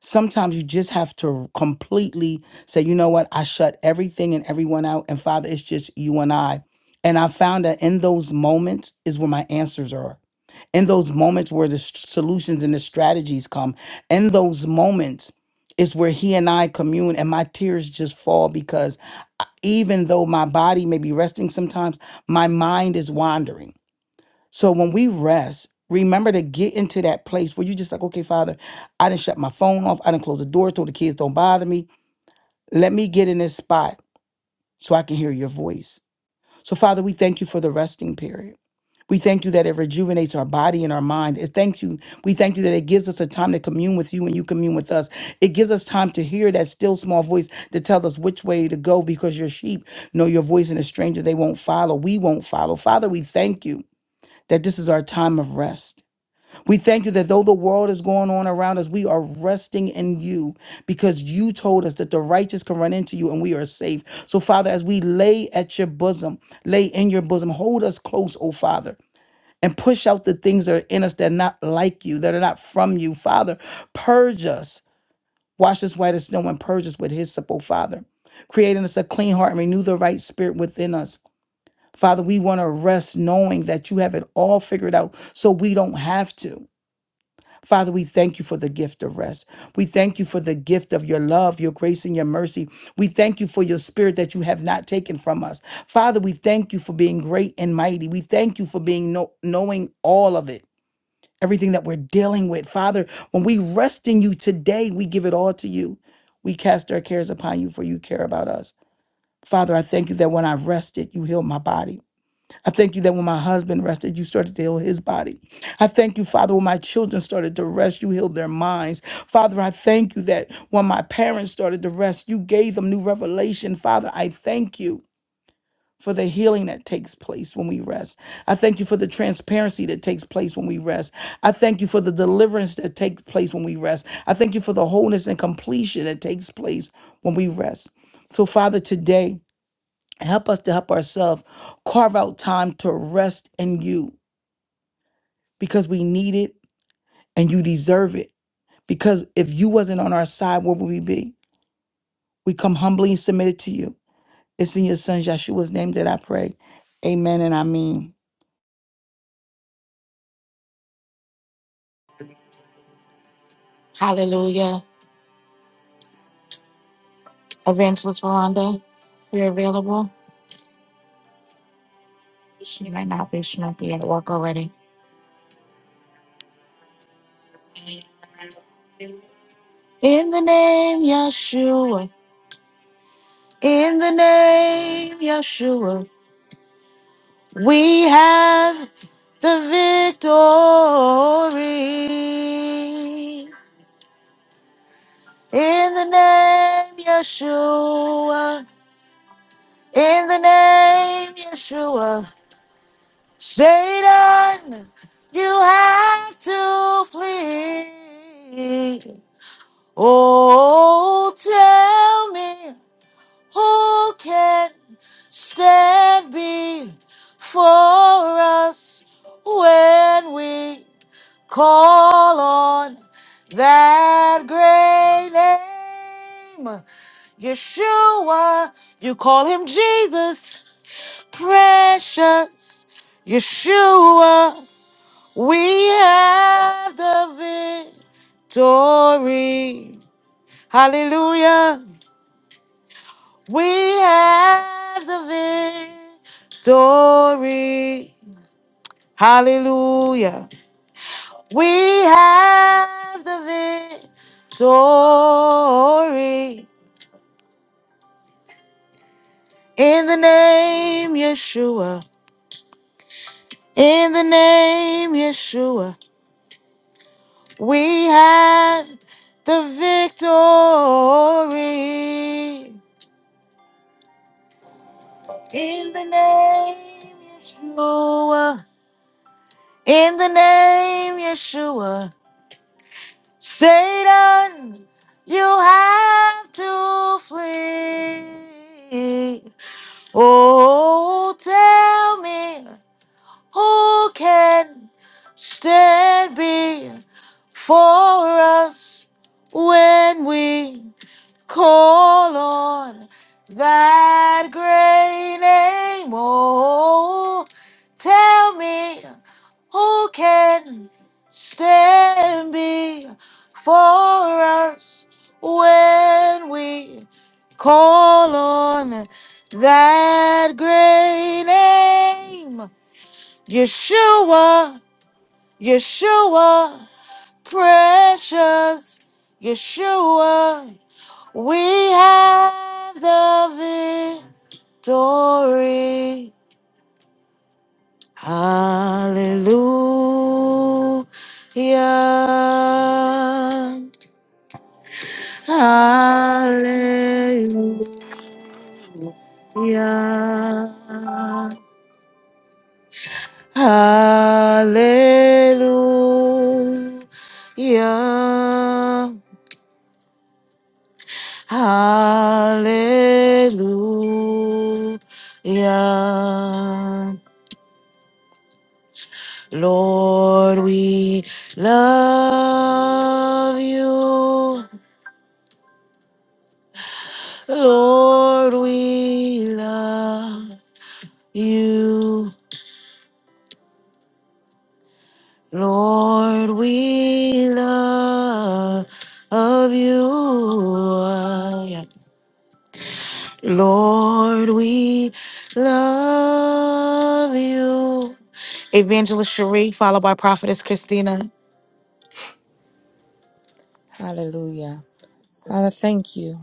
D: Sometimes you just have to completely say, you know what? I shut everything and everyone out. And Father, it's just you and I. And I found that in those moments is where my answers are. In those moments where the s- solutions and the strategies come. In those moments is where he and I commune and my tears just fall because even though my body may be resting sometimes, my mind is wandering. So when we rest, remember to get into that place where you just like, okay, Father, I didn't shut my phone off. I didn't close the door, told the kids don't bother me. Let me get in this spot so I can hear your voice. So, Father, we thank you for the resting period. We thank you that it rejuvenates our body and our mind. It thanks you. We thank you that it gives us a time to commune with you and you commune with us. It gives us time to hear that still small voice to tell us which way to go because your sheep know your voice and a stranger they won't follow. We won't follow. Father, we thank you that this is our time of rest. We thank you that though the world is going on around us, we are resting in you because you told us that the righteous can run into you and we are safe. So, Father, as we lay at your bosom, lay in your bosom, hold us close, oh Father and push out the things that are in us that are not like you, that are not from you. Father, purge us, wash us white as snow, and purge us with His simple Father. Create in us a clean heart and renew the right spirit within us. Father, we want to rest knowing that you have it all figured out so we don't have to. Father, we thank you for the gift of rest. We thank you for the gift of your love, your grace, and your mercy. We thank you for your spirit that you have not taken from us. Father, we thank you for being great and mighty. We thank you for being know- knowing all of it everything that we're dealing with. Father, when we rest in you today, we give it all to you. We cast our cares upon you, for you care about us. Father, I thank you that when I rested, you healed my body. I thank you that when my husband rested, you started to heal his body. I thank you, Father, when my children started to rest, you healed their minds. Father, I thank you that when my parents started to rest, you gave them new revelation. Father, I thank you for the healing that takes place when we rest. I thank you for the transparency that takes place when we rest. I thank you for the deliverance that takes place when we rest. I thank you for the wholeness and completion that takes place when we rest. So, Father, today, help us to help ourselves carve out time to rest in you because we need it and you deserve it. Because if you wasn't on our side, where would we be? We come humbly and submitted to you. It's in your son Yeshua's name that I pray. Amen and I mean.
A: Hallelujah. Evangelist Veranda, you're available. She might not be. She might be at work already. In the name Yeshua, in the name Yeshua, we have the victory. In the name Yeshua, in the name Yeshua. Satan, you have to flee. Who can be for us when we call on that great name? Yeshua, you call him Jesus, precious Yeshua. We have the victory. Hallelujah. We have the victory. Hallelujah. We have the victory. In the name Yeshua. In the name Yeshua. We have the victory. In the name Yeshua. In the name Yeshua. Satan, you have to flee. Ooh, that grenade, who can stand before us when we call on that great name? Yeshua, Yeshua, precious Yeshua. We have the victory. Hallelujah. Lord, we love you. Lord, we love you. Lord, we love you. Lord, we love you. Evangelist Cherie, followed by Prophetess Christina.
E: Hallelujah. Father, thank you.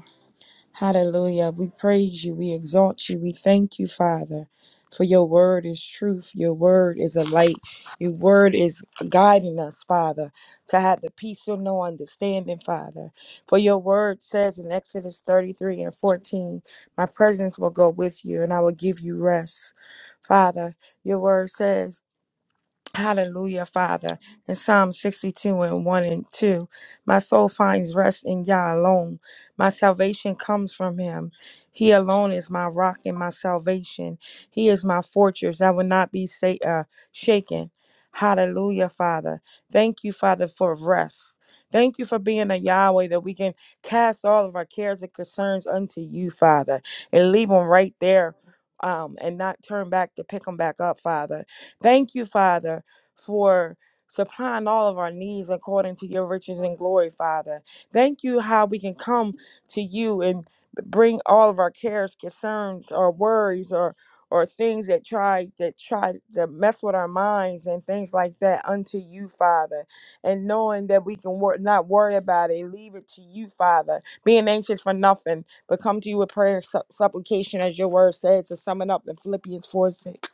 E: Hallelujah. We praise you. We exalt you. We thank you, Father, for your word is truth. Your word is a light. Your word is guiding us, Father, to have the peace of no understanding, Father. For your word says in Exodus 33 and 14, My presence will go with you and I will give you rest. Father, your word says, Hallelujah, Father. In Psalm 62 and 1 and 2, my soul finds rest in Yah alone. My salvation comes from him. He alone is my rock and my salvation. He is my fortress. I will not be sa- uh, shaken. Hallelujah, Father. Thank you, Father, for rest. Thank you for being a Yahweh that we can cast all of our cares and concerns unto you, Father, and leave them right there um, and not turn back to pick them back up, Father. Thank you, Father, for supplying all of our needs according to your riches and glory, Father. Thank you how we can come to you and bring all of our cares, concerns, or worries or or things that try that try to mess with our minds and things like that unto you, Father. And knowing that we can wor- not worry about it, leave it to you, Father. Being anxious for nothing, but come to you with prayer, and supplication, as your word says, to sum it up in Philippians 4 6.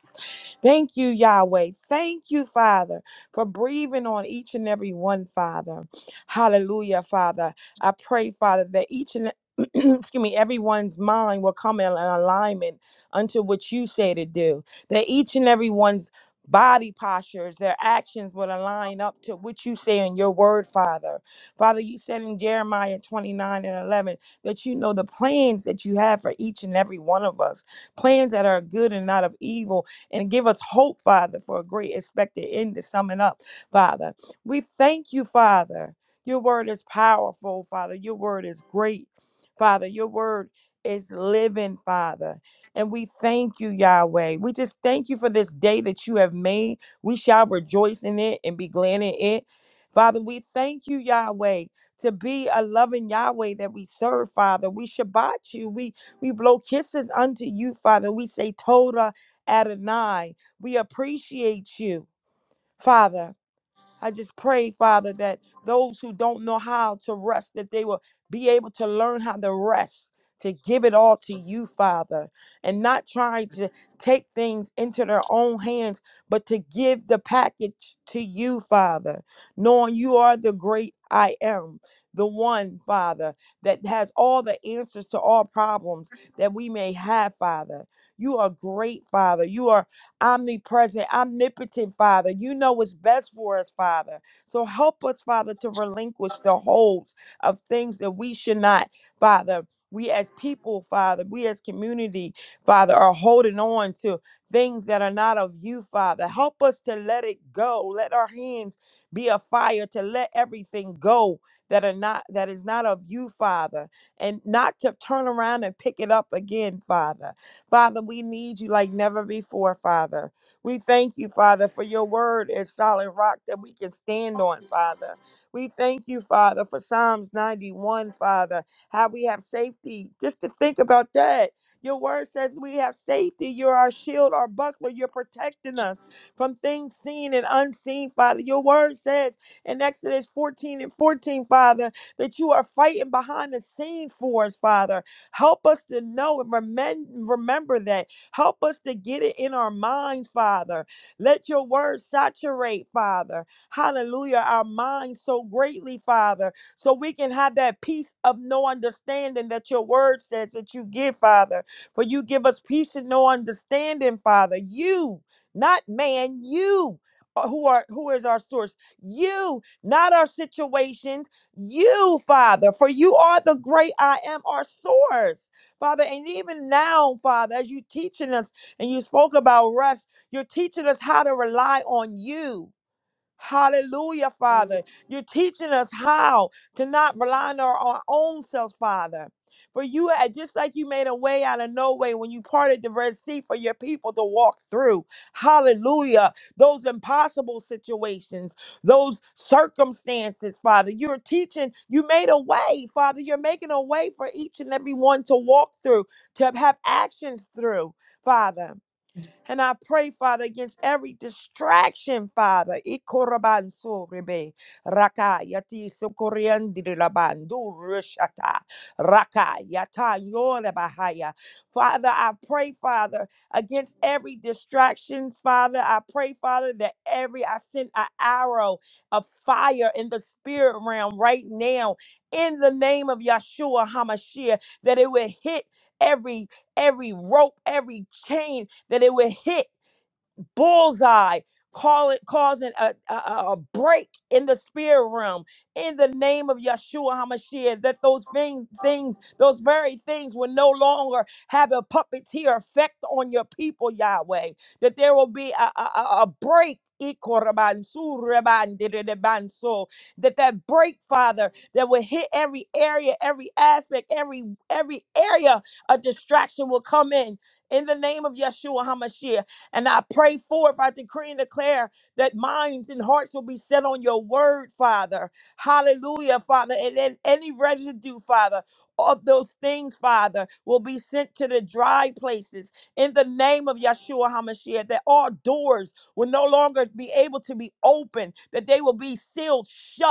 E: Thank you, Yahweh. Thank you, Father, for breathing on each and every one, Father. Hallelujah, Father. I pray, Father, that each and excuse me, everyone's mind will come in alignment unto what you say to do. That each and everyone's body postures, their actions will align up to what you say in your word, Father. Father, you said in Jeremiah 29 and 11 that you know the plans that you have for each and every one of us, plans that are good and not of evil and give us hope, Father, for a great expected end to summon up, Father. We thank you, Father. Your word is powerful, Father. Your word is great, Father. Your word is living, Father. And we thank you, Yahweh. We just thank you for this day that you have made. We shall rejoice in it and be glad in it. Father, we thank you, Yahweh, to be a loving Yahweh that we serve, Father. We Shabbat you. We we blow kisses unto you, Father. We say Toda Adonai. We appreciate you, Father. I just pray, Father, that those who don't know how to rest, that they will be able to learn how to rest, to give it all to you, Father, and not try to take things into their own hands, but to give the package to you, Father, knowing you are the great I am, the one, Father, that has all the answers to all problems that we may have, Father. You are great, Father. You are omnipresent, omnipotent Father. You know what's best for us, Father. So help us, Father, to relinquish the holds of things that we should not, Father. We as people, Father, we as community, Father, are holding on to things that are not of you, Father. Help us to let it go. Let our hands be a fire to let everything go that are not that is not of you, Father, and not to turn around and pick it up again, Father. Father, we need you like never before, Father. We thank you, Father, for your word is solid rock that we can stand on, Father. We thank you, Father, for Psalms 91, Father, how we have safety. Just to think about that. Your word says we have safety. You're our shield, our buckler. You're protecting us from things seen and unseen, Father. Your word says in Exodus 14 and 14, Father, that you are fighting behind the scene for us, Father. Help us to know and remem- remember that. Help us to get it in our minds, Father. Let your word saturate, Father. Hallelujah. Our minds so greatly, Father, so we can have that peace of no understanding that your word says that you give, Father. For you give us peace and no understanding, Father. You, not man, you. uh, Who are who is our source? You, not our situations, you, Father, for you are the great I am, our source, Father. And even now, Father, as you teaching us and you spoke about rest, you're teaching us how to rely on you. Hallelujah, Father. You're teaching us how to not rely on our, our own selves, Father. For you, had- just like you made a way out of no way when you parted the Red Sea for your people to walk through. Hallelujah. Those impossible situations, those circumstances, Father. You're teaching, you made a way, Father. You're making a way for each and every one to walk through, to have actions through, Father. And I pray, Father, against every distraction, Father. Ikorabansorebe, Raka yati sokoriandirabandu rushata, Raka yata yorebahaya. Father, I pray, Father, against every distractions, Father. I pray, Father, that every I send an arrow of fire in the spirit realm right now in the name of Yeshua Hamashiach, that it will hit every every rope, every chain that it would hit bullseye, call it, causing a, a, a break in the spirit realm in the name of Yeshua HaMashiach, that those thing, things, those very things will no longer have a puppeteer effect on your people, Yahweh, that there will be a, a, a a break. Ikorabansurebandidibanso, That that break, Father, that will hit every area, every aspect, every every area of distraction will come in in the name of Yeshua HaMashiach. And I pray forth, I decree and declare that minds and hearts will be set on your word, Father. Hallelujah, Father. And then any residue, Father, of those things, Father, will be sent to the dry places in the name of Yeshua HaMashiach, that all doors will no longer be able to be opened, that they will be sealed shut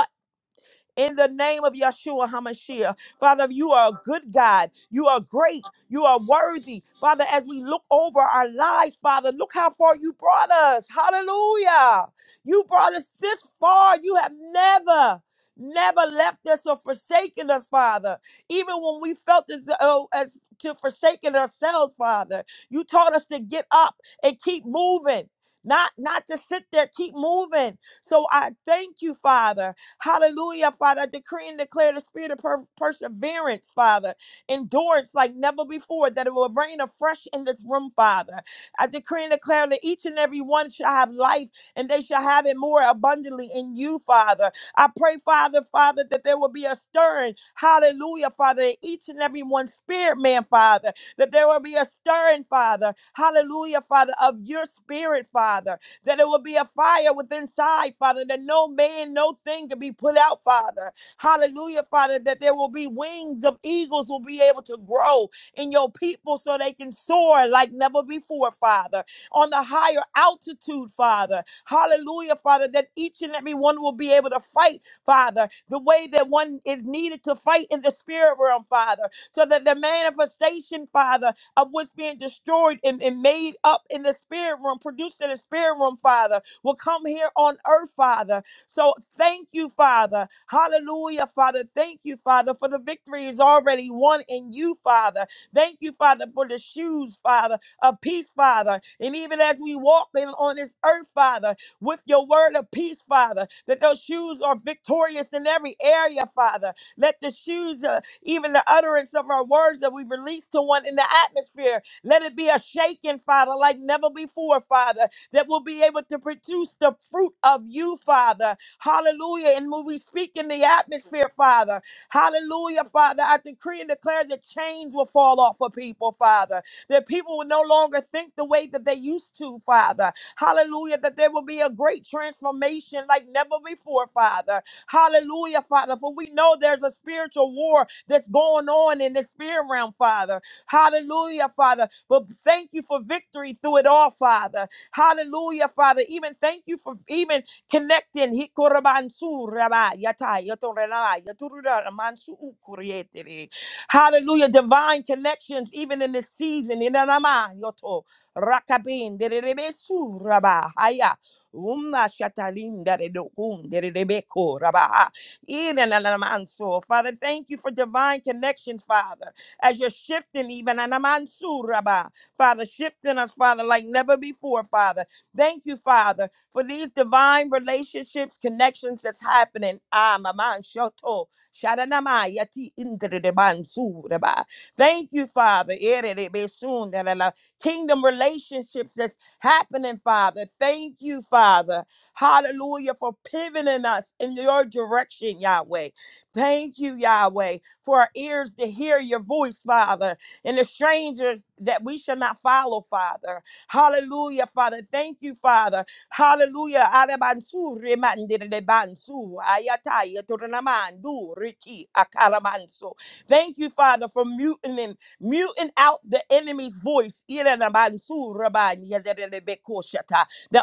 E: in the name of Yeshua HaMashiach. Father, you are a good God. You are great. You are worthy. Father, as we look over our lives, Father, look how far you brought us. Hallelujah. You brought us this far. You have never, never left us or forsaken us, Father. Even when we felt as though as to forsaken ourselves, Father, you taught us to get up and keep moving. Not, not to sit there, keep moving. So I thank you, Father. Hallelujah, Father. I decree and declare the spirit of per- perseverance, Father, endurance like never before, that it will rain afresh in this room, Father. I decree and declare that each and every one shall have life and they shall have it more abundantly in you, Father. I pray, Father, Father, that there will be a stirring, hallelujah, Father, in each and every one's spirit, man, Father, that there will be a stirring, Father, hallelujah, Father, of your spirit, Father that it will be a fire within side, Father, that no man, no thing can be put out, Father. Hallelujah, Father, that there will be wings of eagles will be able to grow in your people so they can soar like never before, Father, on the higher altitude, Father. Hallelujah, Father, that each and every one will be able to fight, Father, the way that one is needed to fight in the spirit realm, Father, so that the manifestation, Father, of what's being destroyed and, and made up in the spirit room, produced in the spirit room, Father, will come here on earth, Father. So thank you, Father. Hallelujah, Father. Thank you, Father, for the victory is already won in you, Father. Thank you, Father, for the shoes, Father, of peace, Father. And even as we walk in on this earth, Father, with your word of peace, Father, that those shoes are victorious in every area, Father. Let the shoes uh, even the utterance of our words that we release to one in the atmosphere. Let it be a shaking, Father, like never before, Father, that we'll be able to produce the fruit of you, Father. Hallelujah. And when we speak in the atmosphere, Father, hallelujah, Father, I decree and declare that chains will fall off of people, Father, that people will no longer think the way that they used to, Father. Hallelujah, that there will be a great transformation like never before, Father. Hallelujah, Father. For we know there's a spiritual war that's going on in the spirit realm, Father. Hallelujah, Father. But thank you for victory through it all, Father. Hallelujah, Father. Even thank you for even connecting. Hikorabansu raba yatai yotorela yaturura mansu ukurietere. Hallelujah. Divine connections, even in this season. Inanama yoto rakabin dererebesu raba. haya. Umma shatalinda redokunde redebeko rabaha. Irenanamanso. Father, thank you for divine connection, Father, as you're shifting even anamansur rabah. Father, shifting us, Father, like never before, Father. Thank you, Father, for these divine relationships, connections that's happening. Ah, maman shoto. Shadanamai yati indredebansu raba. Thank you, Father. Eredebesun, da, da, da. Kingdom relationships that's happening, Father. Thank you, Father. Hallelujah, for pivoting us in your direction, Yahweh. Thank you, Yahweh, for our ears to hear your voice, Father, and the stranger that we shall not follow, Father. Hallelujah, Father. Thank you, Father. Hallelujah. Arabansu remandere bansu ayataya tornamandu riki akaramanso. Thank you, Father, for muting muting out the enemy's voice. That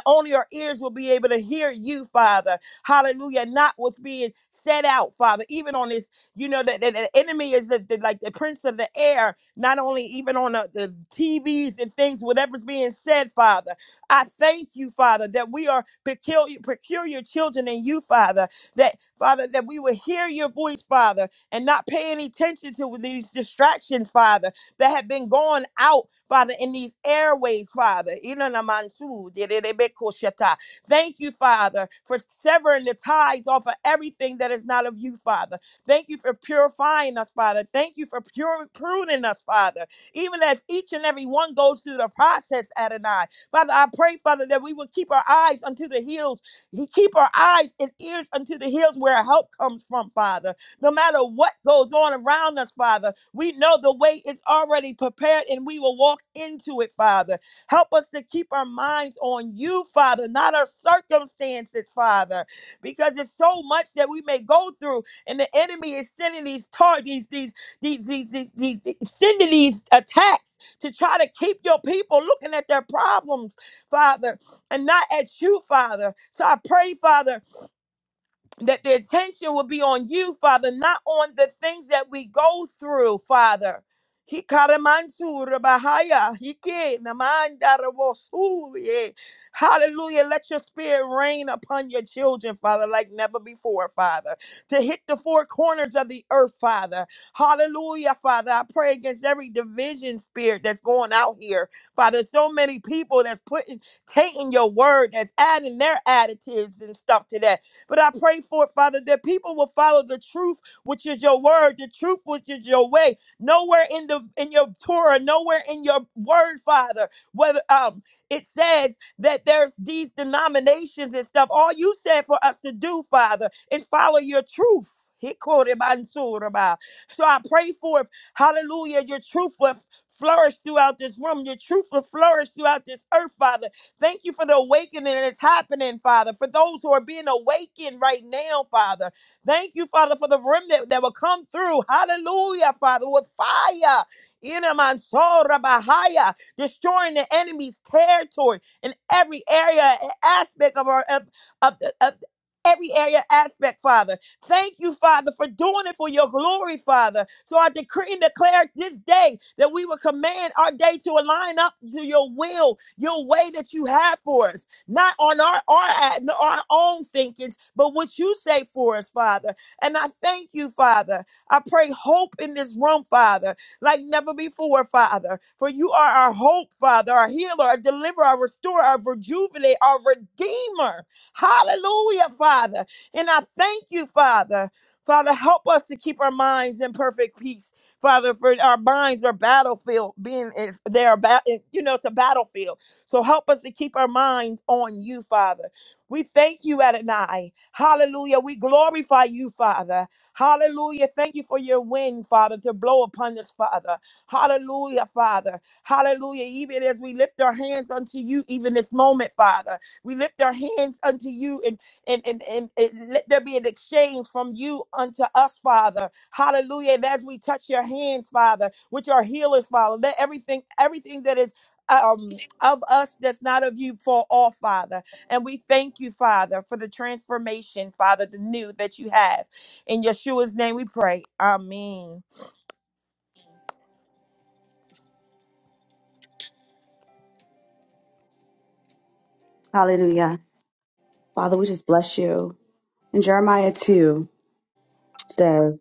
E: only our ears will be able to hear you, Father. Hallelujah. Not what's being said out, Father. Even on this, you know, that the, the enemy is the, the- like the prince of the air, not only even on the, the TVs and things, whatever's being said, Father. I thank you, Father, that we are peculiar, peculiar children in you, Father. That, Father, that we will hear your voice, Father and not pay any attention to these distractions, Father, that have been going out, Father, in these airways, Father. Ilanamansu, dededebekoshata. Thank you, Father, for severing the tides off of everything that is not of you, Father. Thank you for purifying us, Father. Thank you for pure, pruning us, Father. Even as each and every one goes through the process, Adonai. Father, I pray, Father, that we will keep our eyes unto the hills. He keep our eyes and ears unto the hills where our help comes from, Father. No matter what goes on around us, Father, we know the way is already prepared and we will walk into it, Father. Help us to keep our minds on you, Father, not our circumstances, Father, because it's so much that we may go through and the enemy is sending these targets, these, these, these, these, these, these sending these attacks to try to keep your people looking at their problems, Father, and not at you, Father. So I pray, Father, that the attention will be on you, Father, not on the things that we go through, Father. Hikaramantura bahaya, hike namandara wosuye. Hallelujah. Let your spirit reign upon your children, Father, like never before, Father. To hit the four corners of the earth, Father. Hallelujah, Father. I pray against every division spirit that's going out here, Father. So many people that's putting, taking your word, that's adding their additives and stuff to that but I pray for it, Father, that people will follow the truth, which is your word, the truth, which is your way. Nowhere in the in your Torah, nowhere in your word, Father, whether um it says that there's these denominations and stuff. All you said for us to do, Father, is follow your truth. He quoted Mansuraba. So I pray for, hallelujah, your truth will flourish throughout this room. Your truth will flourish throughout this earth, Father. Thank you for the awakening that's happening, Father, for those who are being awakened right now, Father. Thank you, Father, for the remnant that will come through. Hallelujah, Father, with fire. Inamanso Rabahaya, destroying the enemy's territory in every area and aspect of our of, of, of every area aspect, Father. Thank you, Father, for doing it for your glory, Father. So I decree and declare this day that we will command our day to align up to your will, your way that you have for us, not on our our, our own thinkings, but what you say for us, Father. And I thank you, Father. I pray hope in this room, Father, like never before, Father. For you are our hope, Father, our healer, our deliverer, our restorer, our rejuvenator, our redeemer. Hallelujah, Father. And I thank you, Father. Father, help us to keep our minds in perfect peace. Father, for our minds are battlefield, being if they are ba- eh, you know, it's a battlefield. So help us to keep our minds on you, Father. We thank you, Adonai. Hallelujah. We glorify you, Father. Hallelujah. Thank you for your wind, Father, to blow upon us, Father. Hallelujah, Father. Hallelujah. Even as we lift our hands unto you, even this moment, Father, we lift our hands unto you in and, and, and, and let there be an exchange from you unto us, Father. Hallelujah. And as we touch your hands, Father, which are healers, Father, let everything, everything that is um of us that's not of you fall off, Father. And we thank you, Father, for the transformation, Father, the new that you have. In Yeshua's name we pray. Amen.
F: Hallelujah. Father, we just bless you. And Jeremiah 2 says,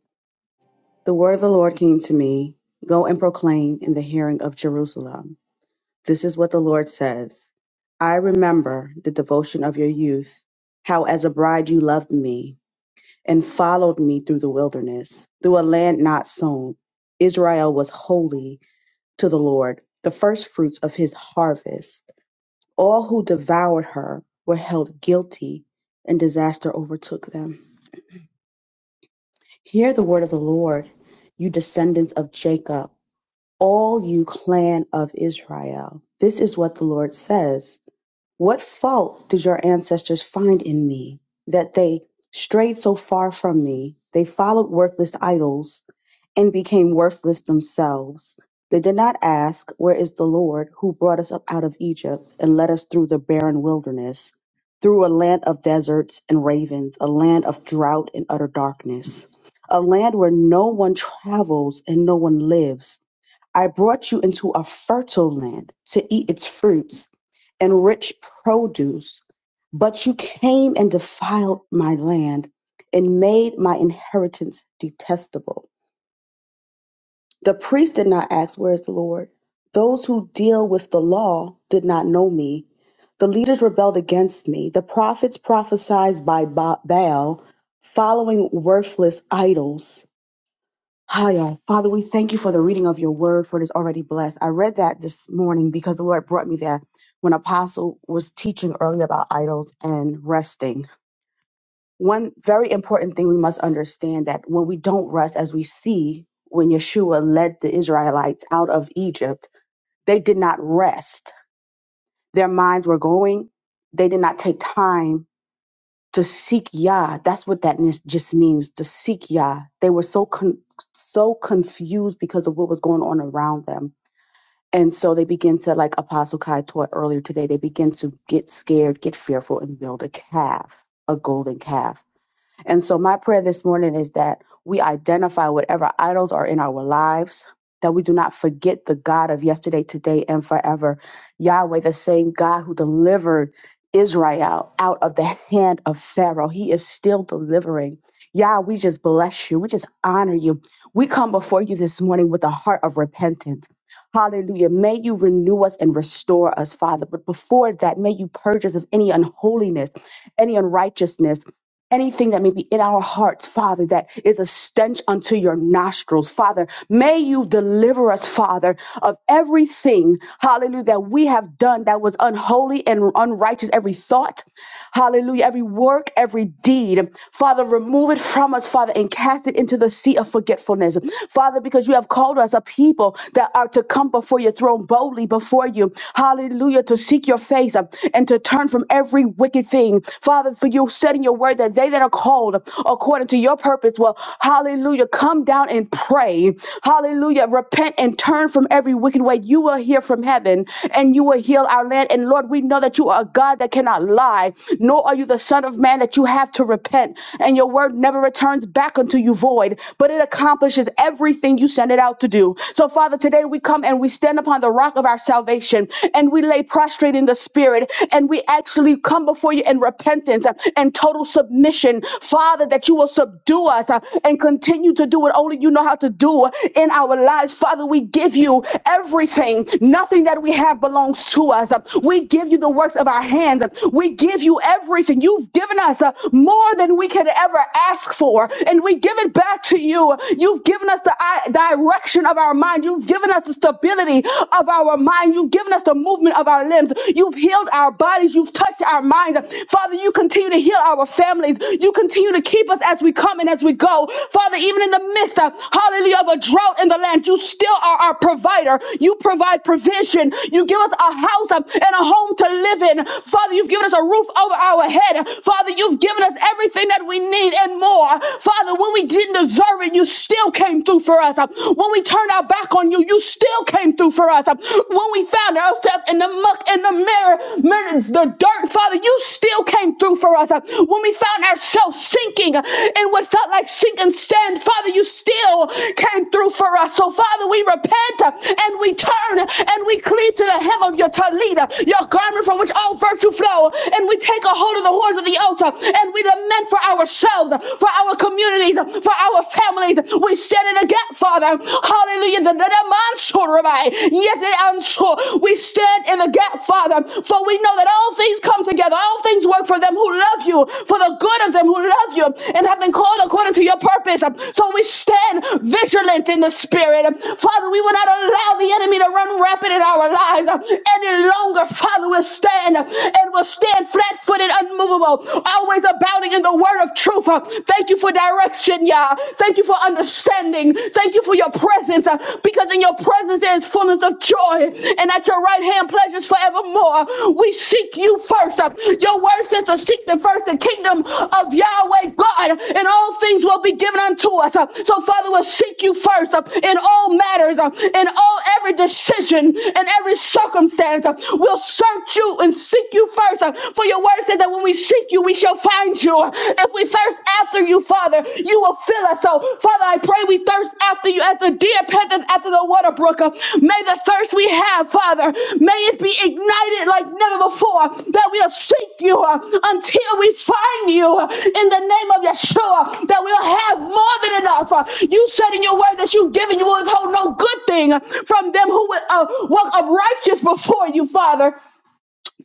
F: The word of the Lord came to me Go and proclaim in the hearing of Jerusalem. This is what the Lord says I remember the devotion of your youth, how as a bride you loved me and followed me through the wilderness, through a land not sown. Israel was holy to the Lord, the first fruits of his harvest. All who devoured her were held guilty, and disaster overtook them. Hear the word of the Lord, you descendants of Jacob, all you clan of Israel. This is what the Lord says. What fault did your ancestors find in me that they strayed so far from me? They followed worthless idols and became worthless themselves. They did not ask, Where is the Lord who brought us up out of Egypt and led us through the barren wilderness, through a land of deserts and ravens, a land of drought and utter darkness, a land where no one travels and no one lives? I brought you into a fertile land to eat its fruits and rich produce, but you came and defiled my land and made my inheritance detestable. The priest did not ask, Where is the Lord? Those who deal with the law did not know me. The leaders rebelled against me. The prophets prophesied by Ba- Baal, following worthless idols. Hiya. Father, we thank you for the reading of your word, for it is already blessed. I read that this morning because the Lord brought me there when Apostle was teaching earlier about idols and resting. One very important thing we must understand that when we don't rest, as we see when Yeshua led the Israelites out of Egypt, they did not rest. Their minds were going, they did not take time to seek Yah. That's what that nis- just means to seek Yah. They were so con- so confused because of what was going on around them, and so they begin to, like Apostle Kai taught earlier today, they begin to get scared, get fearful, and build a calf, a golden calf and so, my prayer this morning is that we identify whatever idols are in our lives, that we do not forget the God of yesterday, today, and forever. Yahweh, the same God who delivered Israel out of the hand of Pharaoh, he is still delivering. Yah, we just bless you. We just honor you. We come before you this morning with a heart of repentance. Hallelujah. May you renew us and restore us, Father. But before that, may you purge us of any unholiness any unrighteousness, anything that may be in our hearts, Father, that is a stench unto your nostrils. Father, may you deliver us, Father, of everything, hallelujah, that we have done that was unholy and unrighteous, every thought, hallelujah, every work, every deed. Father, remove it from us, Father, and cast it into the sea of forgetfulness. Father, because you have called us a people that are to come before your throne boldly before you, hallelujah, to seek your face and to turn from every wicked thing. Father, for you said in your word that they that are called according to your purpose will, hallelujah, come down and pray. Hallelujah, repent and turn from every wicked way. You will hear from heaven and you will heal our land. And Lord, we know that you are a God that cannot lie, nor are you the Son of Man that you have to repent. And your word never returns back unto you void, but it accomplishes everything you send it out to do. So, Father, today we come and we stand upon the rock of our salvation affliction and we lay prostrate in the spirit and we actually come before you in repentance uh, and total submission, Father, that you will subdue us uh, and continue to do what only you know how to do in our lives. Father, we give you everything. Nothing that we have belongs to us. Uh, We give you the works of our hands. Uh, We give you everything. You've given us uh, more than we could ever ask for, and we give it back to you. You've given us the i- direction of our mind. You've given us given us the stability of our mind. You've given us the movement of our limbs. You've healed our bodies. You've touched our minds. Father, you continue to heal our families. You continue to keep us as we come and as we go. Father, even in the midst of, hallelujah, of a drought in the land, you still are our provider. You provide provision. You give us a house um, and a home to live in. Father, you've given us a roof over our head. Father, you've given us everything that we need and more. Father, when we didn't deserve it, you still came through through for us. Uh, When we turned our back on you, you still came through for us. Uh, When we found ourselves in the muck and the mirror, the dirt, Father, you still came through for us. Uh, When we found ourselves sinking uh, in what felt like sinking sand, Father, you still came through for us. So, Father, we repent uh, and we turn and we cleave to the hem of your talita, your garment from which all virtue flow, and we take a hold of the horns of the altar and we lament for ourselves, for our community, communities, for our families. We stand in the gap, Father. Hallelujah. The- the- the manso, Yet the We stand in the gap, Father, for we know that all things come together. All things work for them who love you, for the good of them who love you and have been called according to your purpose. So we stand vigilant in the spirit. Father, we will not allow the enemy to run rampant in our lives any longer. Father, we'll stand and we'll stand flat footed, unmovable, always abounding growing in the word of truth. Uh, Thank you for direction, Yah. Thank you for understanding. Thank you for your presence uh, because in your presence there is fullness of joy and at your right hand pleasures forevermore. We seek you first. Uh, Your word says to seek the first the kingdom of Yahweh God and all things will be given unto us. Uh, So Father, we'll seek you first uh, in all matters, uh, in all every decision, in every circumstance. uh, We'll search you and seek you first uh, for your your word said that when we seek you, we shall find you. If we thirst after you, Father, you will fill us. So, Father, I pray we thirst after you as the deer panteth after the water brook. May the thirst we have, Father, may it be ignited like never before, that we'll seek you uh, until we find you uh, in the name of Yeshua, that we'll have more than enough. Uh, You said in your word that you've given, you will withhold no good thing uh, from them who would uh, walk up righteous before you, Father.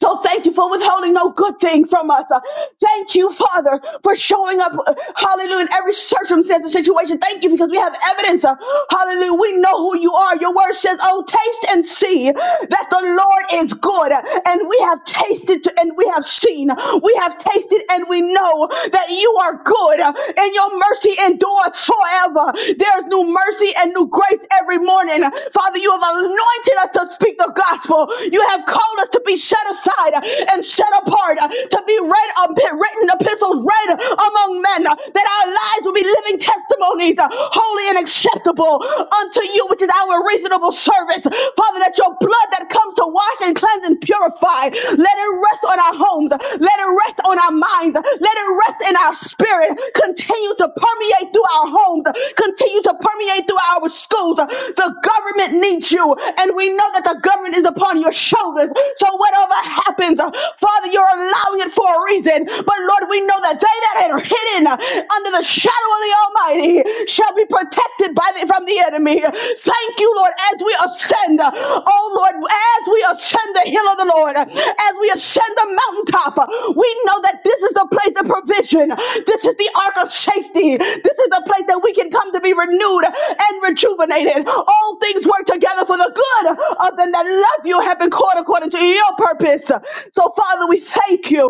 F: So thank you for withholding no good thing from us. Uh, thank you, Father, for showing up, uh, hallelujah, in every circumstance and situation. Thank you because we have evidence. Uh, hallelujah. We know who you are. Your word says, oh, taste and see that the Lord is good. And we have tasted and we have seen. We have tasted and we know that you are good uh, and your mercy endures forever. There's new mercy and new grace every morning. Father, you have anointed us to speak the gospel. You have called us to be set aside and set apart, to be read, written epistles read among men, that our lives will be living testimonies, holy and acceptable unto you, which is our reasonable service. Father, that your blood that comes to wash and cleanse and purify, let it rest on our homes. Let it rest on our minds. Let it rest in our spirit. Continue to permeate through our homes. Continue to permeate through our schools. The government needs you. And we know that the government is upon your shoulders. So whatever happens, Father, you're allowing it for a reason. But Lord, we know that they that are hidden under the shadow of the Almighty shall be protected by the, from from the enemy. Thank you, Lord, as we ascend, uh, oh Lord, as we ascend the hill of the Lord, uh, as we ascend the mountaintop, uh, we know that this is the place of provision. This is the ark of safety. This is the place that we can come to be renewed and rejuvenated. All things work together for the good of them that love you have been called according to your purpose. So, Father, we thank you.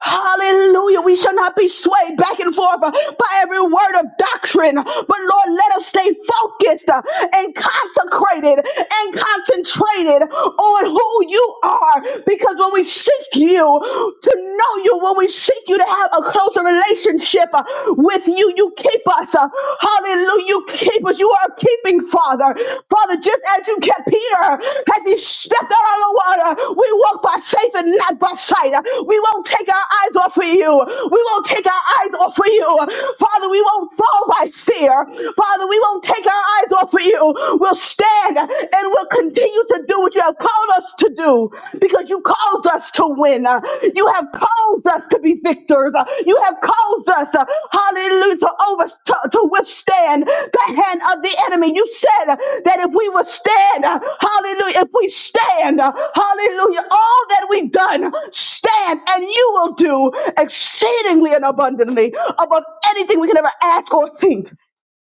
F: Hallelujah. We shall not be swayed back and forth uh, by every word of doctrine. But Lord, let us stay focused uh, and consecrated and concentrated on who you are. Because when we seek you, to know you, when we seek you to have a closer relationship uh, with you, you keep us. uh, Hallelujah. You keep us. You are are keeping, Father. Father, just as you kept Peter as he stepped out on the water, we walk by faith and not by sight. We won't take our eyes off of you. We won't take our eyes off of you. Father, we won't fall by fear. Father, we won't take our eyes off of you. We'll stand and we'll continue to do what you have called us to do because you called us to to win. Uh, You have caused us to be victors. Uh, You have caused us, uh, hallelujah, to, over, to, to withstand the hand of the enemy. You said uh, that if we would stand, uh, hallelujah, if we stand, uh, hallelujah, all that we've done, stand and you will do exceedingly and abundantly above anything we can ever ask or think.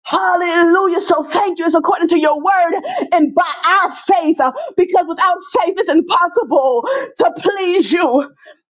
F: Hallelujah. So thank you. It's according to your word and by our faith, uh, because without faith, it's impossible to please you.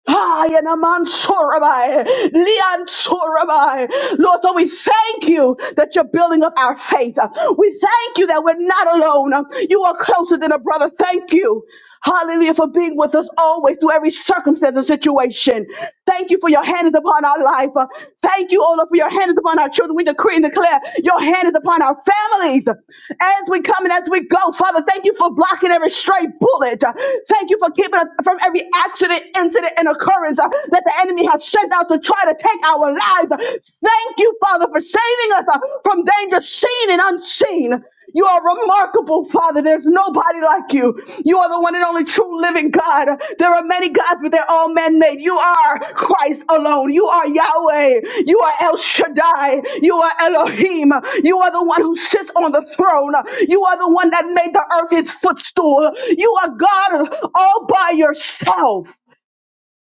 F: Ah, Yanaman Sorabai, Leon, Liansorabai. Lord, so we thank you that you're building up our faith. We thank you that we're not alone. You are closer than a brother. Thank you. Hallelujah for being with us always through every circumstance and situation. Thank you for your hand is upon our life. Uh, Thank you, O Lord, for your hand is upon our children. We decree and declare your hand is upon our families as we come and as we go. Father, thank you for blocking every stray bullet. Uh, Thank you for keeping us from every accident, incident and occurrence uh, that the enemy has sent out to try to take our lives. Uh, Thank you, Father, for saving us uh, from danger seen and unseen. You are remarkable, Father. There's nobody like you. You are the one and only true living God. There are many gods, but they're all man made. You are Christ alone. You are Yahweh. You are El Shaddai. You are Elohim. You are the one who sits on the throne. You are the one that made the earth his footstool. You are God all by yourself.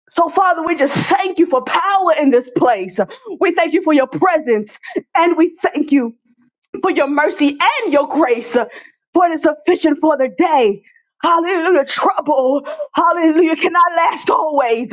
F: So, Father, we just thank you for power in this place. We thank you for your presence, and we thank you for your mercy and your grace, for it is sufficient for the day. Hallelujah. Trouble, hallelujah, cannot last always.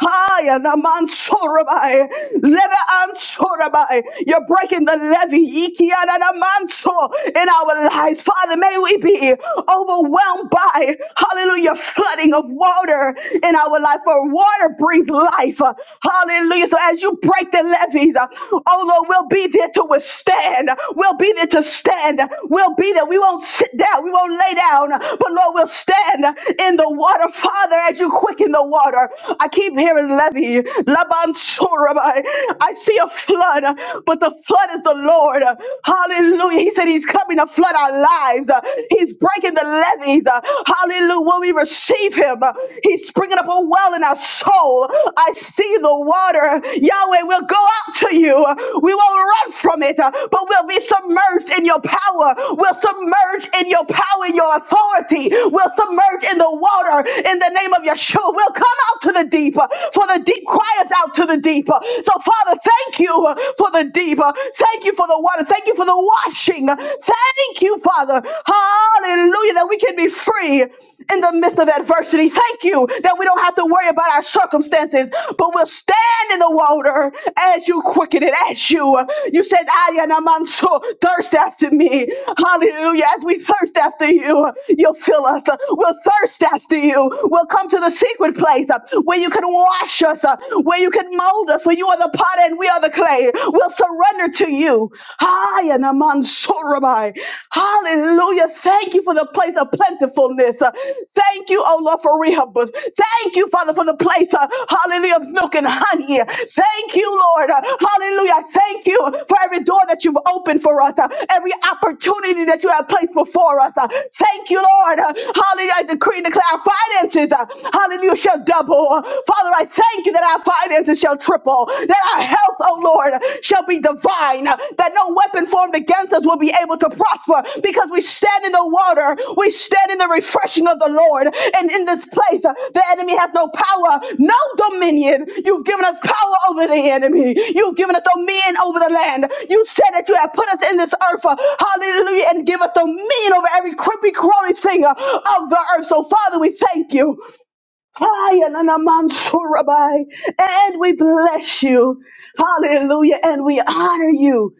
F: High and amansorabai, leve ansorabai. You're breaking the levy iki and amanso in our lives. Father, may we be overwhelmed by, hallelujah, flooding of water in our life, for water brings life. Hallelujah. So as you break the levees. Uh, Oh Lord, we'll be there to withstand. We'll be there to stand. We'll be there. We won't sit down. We won't lay down. But Lord, we'll stand in the water. Father, as you quicken the water, I keep hearing levee. Laban Surabai. I see a flood, but the flood is the Lord. Hallelujah. He said he's coming to flood our lives. He's breaking the levees. Hallelujah. When we receive him, he's springing taking up a well in our soul. I see the water. Yahweh, we'll go out to you. We won't run from it, uh, but we'll be submerged in your power. We'll submerge in your power, in your authority. We'll submerge in the water in the name of Yeshua. We'll come out to the deep, uh, for the deep cries out to the deep. Uh, So, Father, thank you uh, for the deep. Uh, Thank you for the water. Thank you for the washing. Thank you, Father. Hallelujah, that we can be free in the midst of adversity. Thank you that we don't have to worry about our circumstances, but we'll stand in the water as you quicken it, as you. You said, I and I'm so thirst after me. Hallelujah. As we thirst after you, you'll fill us. We'll thirst after you. We'll come to the secret place uh, where you can wash us, uh, where you can mold us, where you are the potter and we are the clay. We'll surrender to you. I and I'm Sorabai. Hallelujah. Thank you for the place of plentifulness. Uh, Thank you, oh Lord, for Rehoboth. Thank you, Father, for the place, uh, hallelujah, of milk and honey. Thank you, Lord. Uh, Hallelujah. Thank you for every door that you've opened for us, uh, every opportunity that you have placed before us. Uh, Thank you, Lord. Uh, Hallelujah. I decree and declare our finances, uh, hallelujah, shall double. Uh, Father, I thank you that our finances shall triple that our health, oh Lord, shall be divine, that no weapon formed against us will be able to prosper because we stand in the water, we stand in the refreshing of the Lord. And in this place, uh, the enemy has no power, no dominion. You've given us power over the enemy, you've given us dominion over the land. You said that you have put us in this earth, uh, hallelujah, and give us dominion over every creepy, crawly thing uh, of the earth. So, Father, we thank you. Hi, Anana Mansurabai. And we bless you. Hallelujah. And we honor you.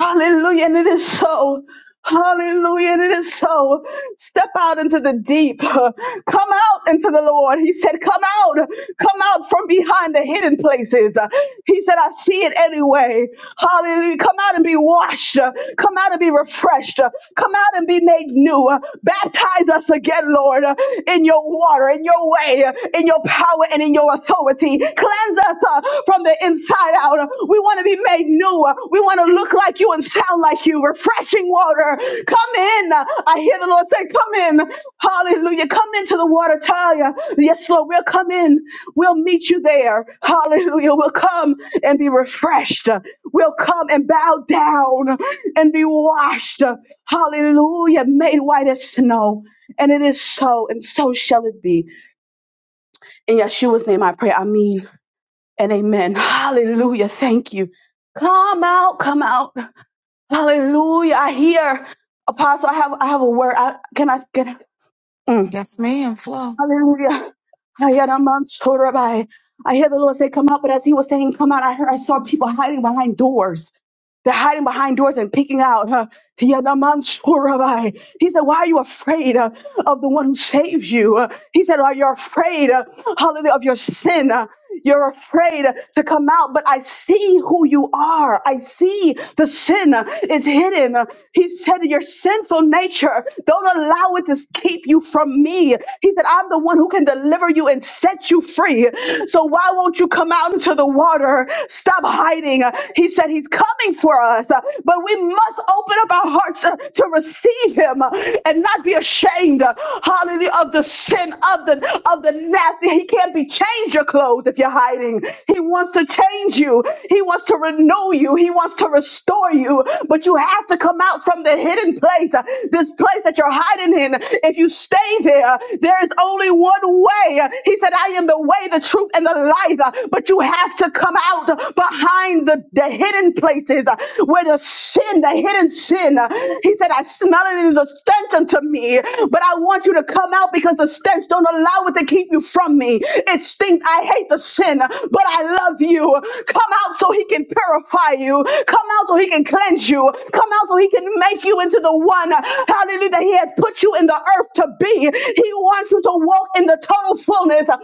F: Hallelujah. And it is so. Hallelujah. And it is so. Step out into the deep. Come out into the Lord. He said, Come out. Come out from behind the hidden places. Uh, He said, I see it anyway. Hallelujah. Come out and be washed. Uh, Come out and be refreshed. Uh, Come out and be made new. Uh, Baptize us again, Lord, uh, in your water, in your way, uh, in your power, and in your authority. Cleanse us uh, from the inside out. Uh, We want to be made new. Uh, We want to look like you and sound like you. Refreshing water. Come in. Uh, I hear the Lord say, Come in. Hallelujah. Come into the water, Taya. Yes, Lord, we'll come in. We'll meet you there. Hallelujah. We'll come and be refreshed. We'll come and bow down and be washed. Hallelujah. Made white as snow. And it is so, and so shall it be. In Yeshua's name I pray. I mean and amen. Hallelujah. Thank you. Come out, come out. Hallelujah. I hear. Apostle, I have I have a word. I, can I get it?
A: Yes, ma'am. Flow.
F: Hallelujah. Ayanamansorabai. I hear the Lord say, Come out, but as he was saying, Come out, I heard I saw people hiding behind doors. They're hiding behind doors and peeking out. Uh, Yadamansorabai. he said, Why are you afraid uh, of the one who saves you? Uh, he said, Are you afraid, uh, hallelujah, of your sin? Uh, you're afraid uh, to come out, but I see who you are. I see the sin uh, is hidden. Uh, He said, Your sinful nature, don't allow it to keep you from me. He said, I'm the one who can deliver you and set you free. So why won't you come out? down to the water. Stop hiding. Uh, He said he's coming for us, uh, but we must open up our hearts uh, to receive him uh, and not be ashamed. uh, Hallelujah of the sin of the of the nasty. He can't be changed your clothes if you're hiding. He wants to change you. He wants to renew you. He wants to restore you. But you have to come out from the hidden place, uh, this place that you're hiding in. If you stay there, there is only one one way. He said, I am the way, the truth, and the life. Uh, But you have to come out behind the, the hidden places uh, where the sin, the hidden sin. uh, He said, I smell it as a stench unto me, but I want you to come out because the stench don't allow it to keep you from me. It stinks. I hate the sin, but I love you. Come out so he can purify you. Come out so he can cleanse you. Come out so he can make you into the one. Hallelujah hallelujah, that He has put you in the earth to be. He wants you to walk in the total fullness of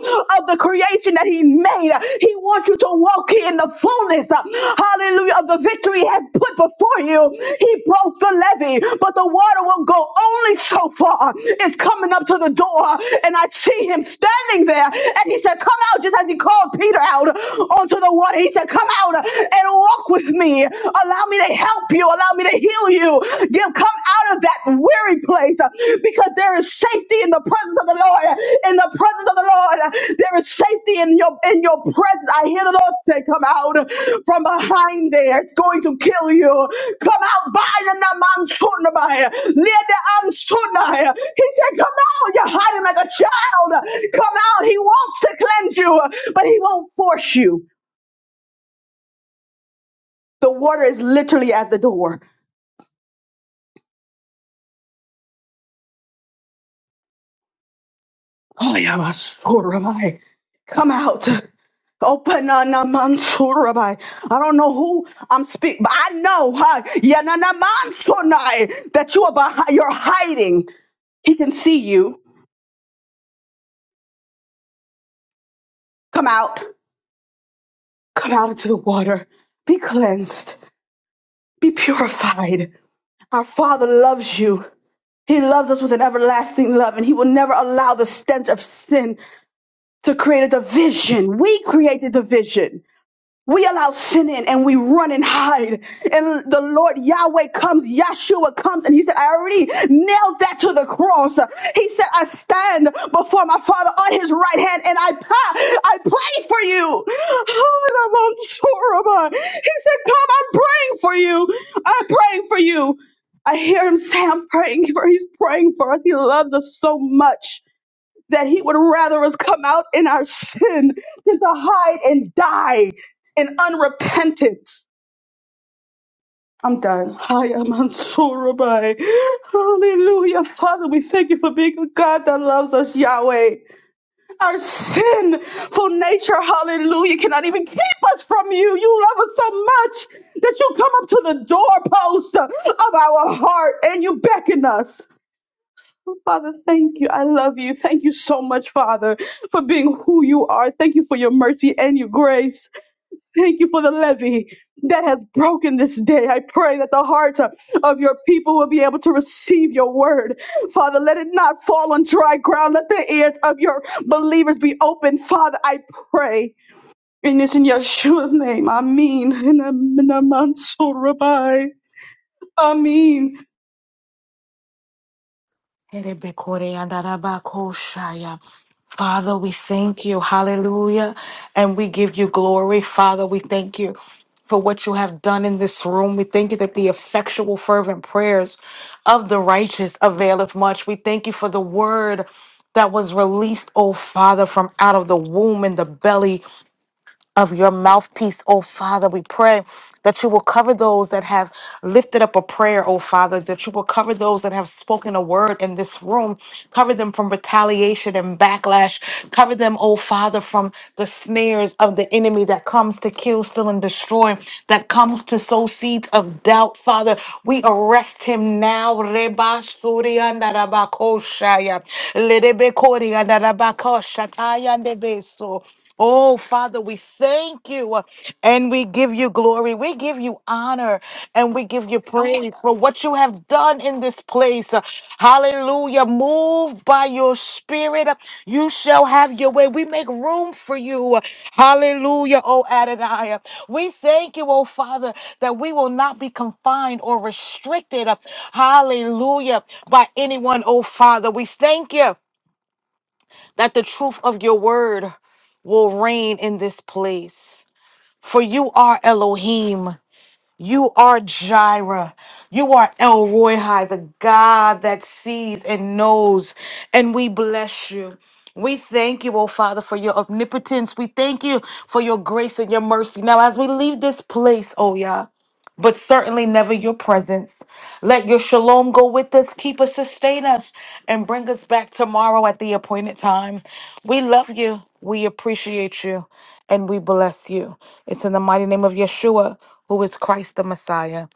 F: the creation that He made. He wants you to walk in the fullness, hallelujah, of the victory He has put before you. He broke the levee, but the water will go only so far. It's coming up to the door, and I see Him standing there, and He said, Come out, just as He called Peter out onto the water. He said, Come out and walk with me. Allow me to help you. Allow me to heal you. Give come out of that weary place uh, because there is safety in the presence of the Lord. In the presence of the Lord, uh, there is safety in your in your presence. I hear the Lord say, "Come out from behind there. It's going to kill you. Come out by the Namansunabai. Near the Amsunai." He said, "Come out. You're hiding like a child. Come out. He wants to cleanse you, but he won't force you." The water is literally at the door. Ayamasurabai. Come out. Open Anamansurabay. I don't know who I'm speaking, but I know huh, Yananamansunai, that you are behind, you're hiding. He can see you. Come out. Come out into the water. Be cleansed. Be purified. Our Father loves you. He loves us with an everlasting love, and He will never allow the stench of sin to create a division. We create the division. We allow sin in and we run and hide. And the Lord Yahweh comes, Yahshua comes, and he said, I already nailed that to the cross. He said, I stand before my father on his right hand and I pray, I pray for you. Oh, and I'm unsure He said, Come, I'm praying for you. I'm praying for you. I hear him say, I'm praying for He's praying for us. He loves us so much that he would rather us come out in our sin than to hide and die in unrepentance. I'm done. Hiya, Mansoor Rabbi. Hallelujah. Father, we thank you for being a God that loves us, Yahweh. Our sinful nature, hallelujah, cannot even keep us from you. You love us so much that you come up to the doorpost of our heart and you beckon us. Father, thank you. I love you. Thank you so much, Father, for being who you are. Thank you for your mercy and your grace. Thank you for the levy that has broken this day. I pray that the hearts of of your people will be able to receive your word. Father, let it not fall on dry ground. Let the ears of your believers be open. Father, I pray. And it's in Yeshua's name. Amen. And amen. Amen. So, Rabbi. Amen.
A: Erebekore-andarabakoshaya. Father, we thank you. Hallelujah. And we give you glory. Father, we thank you for what you have done in this room. We thank you that the effectual, fervent prayers of the righteous availeth much. We thank you for the word that was released, oh Father, from out of the womb and the belly of your mouthpiece, oh Father. We pray that you will cover those that have lifted up a prayer, oh Father, that you will cover those that have spoken a word in this room, cover them from retaliation and backlash, cover them, oh Father, from the snares of the enemy that comes to kill, steal, and destroy, that comes to sow seeds of doubt, Father. We arrest him now. Reba Surya Narabakoshaya. Lerebe Koria Narabakoshaya Nebeso. Oh, Father, we thank you uh, and we give you glory. We give you honor and we give you praise for what you have done in this place. Uh, Hallelujah. Move by your spirit. Uh, You shall have your way. We make room for you. Uh, Hallelujah, oh Adonai. Uh, We thank you, oh Father, that we will not be confined or restricted. uh, Hallelujah, by anyone, oh Father. We thank you that the truth of your word will reign in this place. For you are Elohim, you are Jireh, you are El Royhai, the God that sees and knows, and we bless you. We thank you, oh Father, for your omnipotence. We thank you for your grace and your mercy. Now, as we leave this place, oh Yah but certainly never your presence. Let your shalom go with us, keep us, sustain us, and bring us back tomorrow at the appointed time. We love you, we appreciate you, and we bless you. It's in the mighty name of Yeshua, who is Christ the Messiah.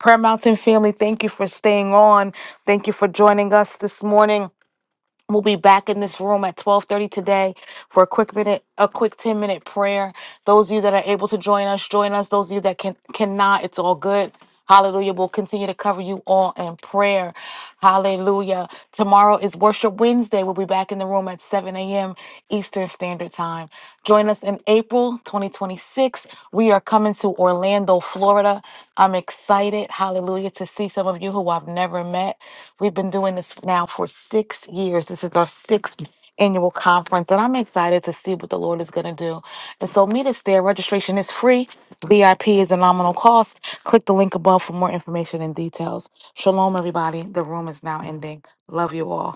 A: Prayer Mountain family, thank you for staying on. Thank you for joining us this morning. We'll be back in this room at 12:30 today for a quick minute, a quick 10-minute prayer. Those of you that are able to join us, join us. Those of you that can cannot, it's all good. Hallelujah. We'll continue to cover you all in prayer. Hallelujah. Tomorrow is Worship Wednesday. We'll be back in the room at 7 a.m. Eastern Standard Time. Join us in April 2026. We are coming to Orlando, Florida. I'm excited, hallelujah, to see some of you who I've never met. We've been doing this now for six years. This is our sixth annual conference, and I'm excited to see what the Lord is going to do. And so, meet us there. Registration is free, VIP is a nominal cost. Click the link above for more information and details. Shalom, everybody. The room is now ending. Love you all.